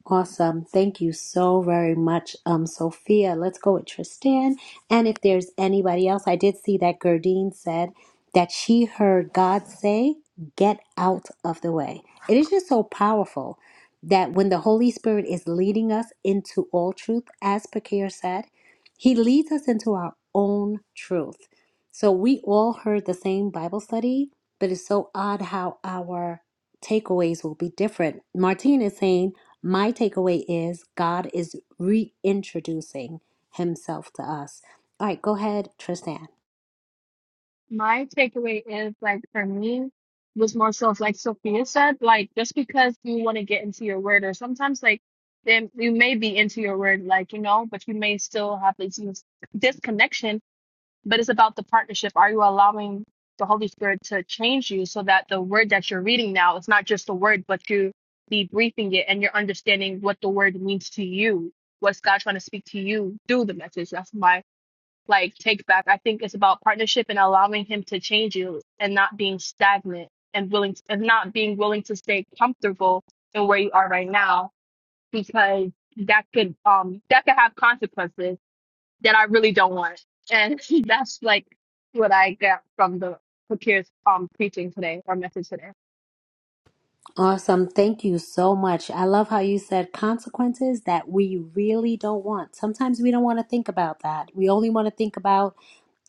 Awesome. Thank you so very much, um, Sophia. Let's go with Tristan. And if there's anybody else, I did see that Gerdine said that she heard God say, Get out of the way. It is just so powerful that when the Holy Spirit is leading us into all truth, as Pakir said, he leads us into our own truth. So we all heard the same Bible study, but it's so odd how our takeaways will be different. Martine is saying, my takeaway is God is reintroducing himself to us. All right, go ahead, Tristan. My takeaway is like for me was more so of, like Sophia said, like just because you want to get into your word or sometimes like then you may be into your word, like, you know, but you may still have this disconnection but it's about the partnership. Are you allowing the Holy Spirit to change you so that the word that you're reading now is not just a word, but you debriefing it and you're understanding what the word means to you? What's God trying to speak to you through the message? That's my like take back. I think it's about partnership and allowing Him to change you and not being stagnant and willing and not being willing to stay comfortable in where you are right now because that could um that could have consequences that I really don't want. And that's like what I got from the Fakir's um preaching today or message today. Awesome. Thank you so much. I love how you said consequences that we really don't want. Sometimes we don't want to think about that. We only want to think about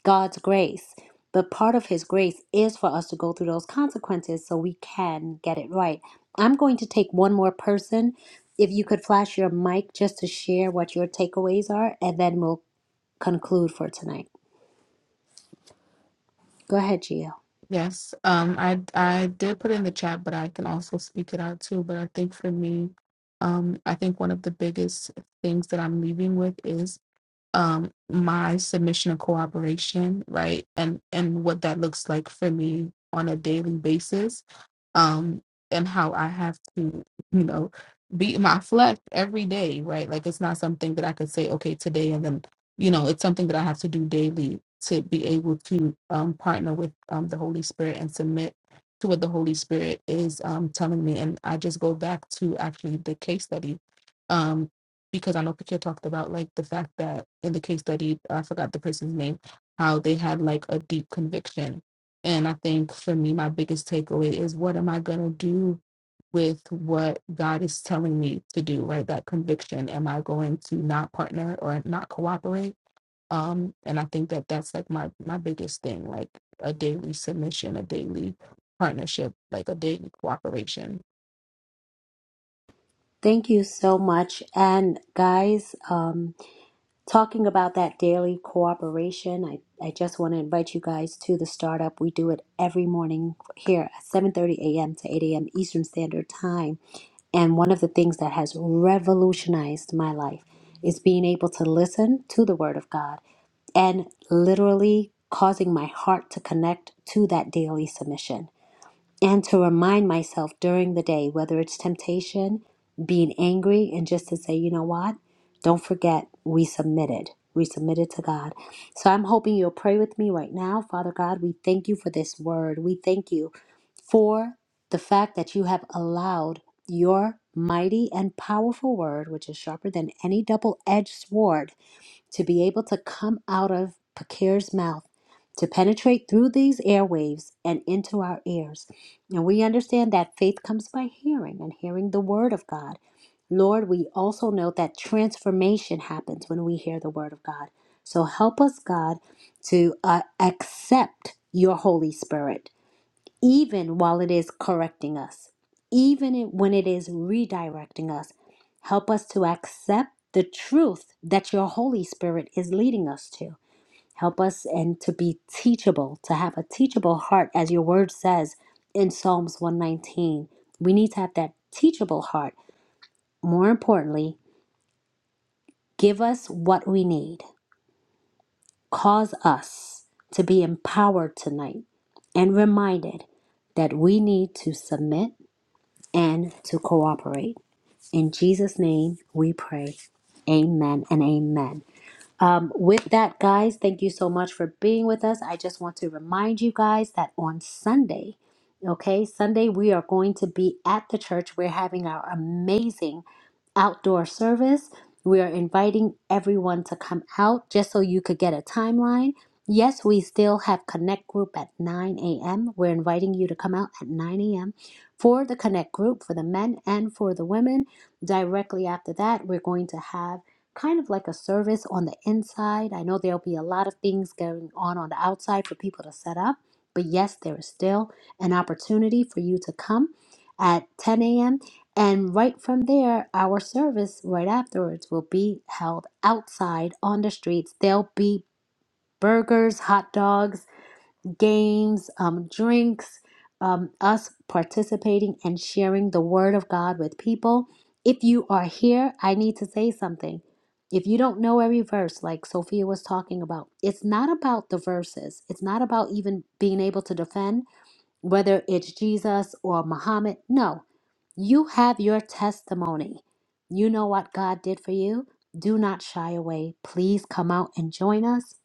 God's grace. But part of His grace is for us to go through those consequences so we can get it right. I'm going to take one more person. If you could flash your mic just to share what your takeaways are, and then we'll conclude for tonight. Go ahead, Gio. yes um i i did put it in the chat but i can also speak it out too but i think for me um i think one of the biggest things that i'm leaving with is. um my submission and cooperation right and and what that looks like for me on a daily basis um and how i have to you know beat my flesh every day right like it's not something that i could say okay today and then you know it's something that i have to do daily to be able to um partner with um the holy spirit and submit to what the holy spirit is um telling me and i just go back to actually the case study um because I know Patricia talked about like the fact that in the case study, I forgot the person's name, how they had like a deep conviction. And I think for me, my biggest takeaway is what am I going to do with what God is telling me to do, right? That conviction. Am I going to not partner or not cooperate? Um, and I think that that's like my, my biggest thing, like a daily submission, a daily partnership, like a daily cooperation. Thank you so much. And guys, um, talking about that daily cooperation, I, I just want to invite you guys to the startup. We do it every morning here at 7.30 a.m. to 8 a.m. Eastern Standard Time. And one of the things that has revolutionized my life is being able to listen to the Word of God and literally causing my heart to connect to that daily submission and to remind myself during the day, whether it's temptation, being angry, and just to say, you know what? Don't forget, we submitted. We submitted to God. So I'm hoping you'll pray with me right now. Father God, we thank you for this word. We thank you for the fact that you have allowed your mighty and powerful word, which is sharper than any double edged sword, to be able to come out of Pakir's mouth, to penetrate through these airwaves and into our ears. And we understand that faith comes by hearing and hearing the word of God. Lord, we also know that transformation happens when we hear the word of God. So help us, God, to uh, accept your Holy Spirit even while it is correcting us, even it- when it is redirecting us. Help us to accept the truth that your Holy Spirit is leading us to. Help us and to be teachable, to have a teachable heart, as your word says in Psalms 119. We need to have that teachable heart. More importantly, give us what we need. Cause us to be empowered tonight and reminded that we need to submit and to cooperate. In Jesus' name we pray. Amen and amen. Um, with that, guys, thank you so much for being with us. I just want to remind you guys that on Sunday, okay, Sunday, we are going to be at the church. We're having our amazing outdoor service. We are inviting everyone to come out just so you could get a timeline. Yes, we still have Connect Group at 9 a.m. We're inviting you to come out at 9 a.m. for the Connect Group for the men and for the women. Directly after that, we're going to have kind of like a service on the inside. I know there'll be a lot of things going on on the outside for people to set up, but yes, there is still an opportunity for you to come at 10 a.m. And right from there, our service right afterwards will be held outside on the streets. There'll be burgers, hot dogs, games, um, drinks, um, us participating and sharing the word of God with people. If you are here, I need to say something. If you don't know every verse, like Sophia was talking about, it's not about the verses. It's not about even being able to defend whether it's Jesus or Muhammad. No, you have your testimony. You know what God did for you. Do not shy away. Please come out and join us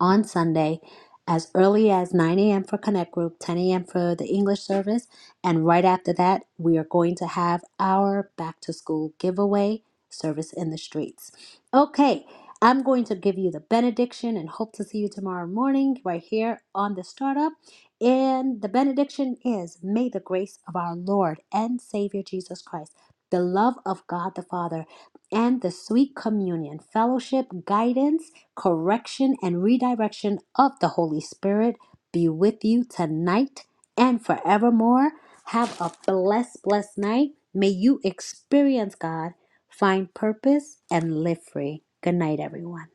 on Sunday as early as 9 a.m. for Connect Group, 10 a.m. for the English service. And right after that, we are going to have our back to school giveaway service in the streets. Okay, I'm going to give you the benediction and hope to see you tomorrow morning right here on the startup. And the benediction is May the grace of our Lord and Savior Jesus Christ, the love of God the Father and the sweet communion, fellowship, guidance, correction, and redirection of the Holy Spirit be with you tonight and forevermore. Have a blessed, blessed night. May you experience God, find purpose, and live free. Good night, everyone.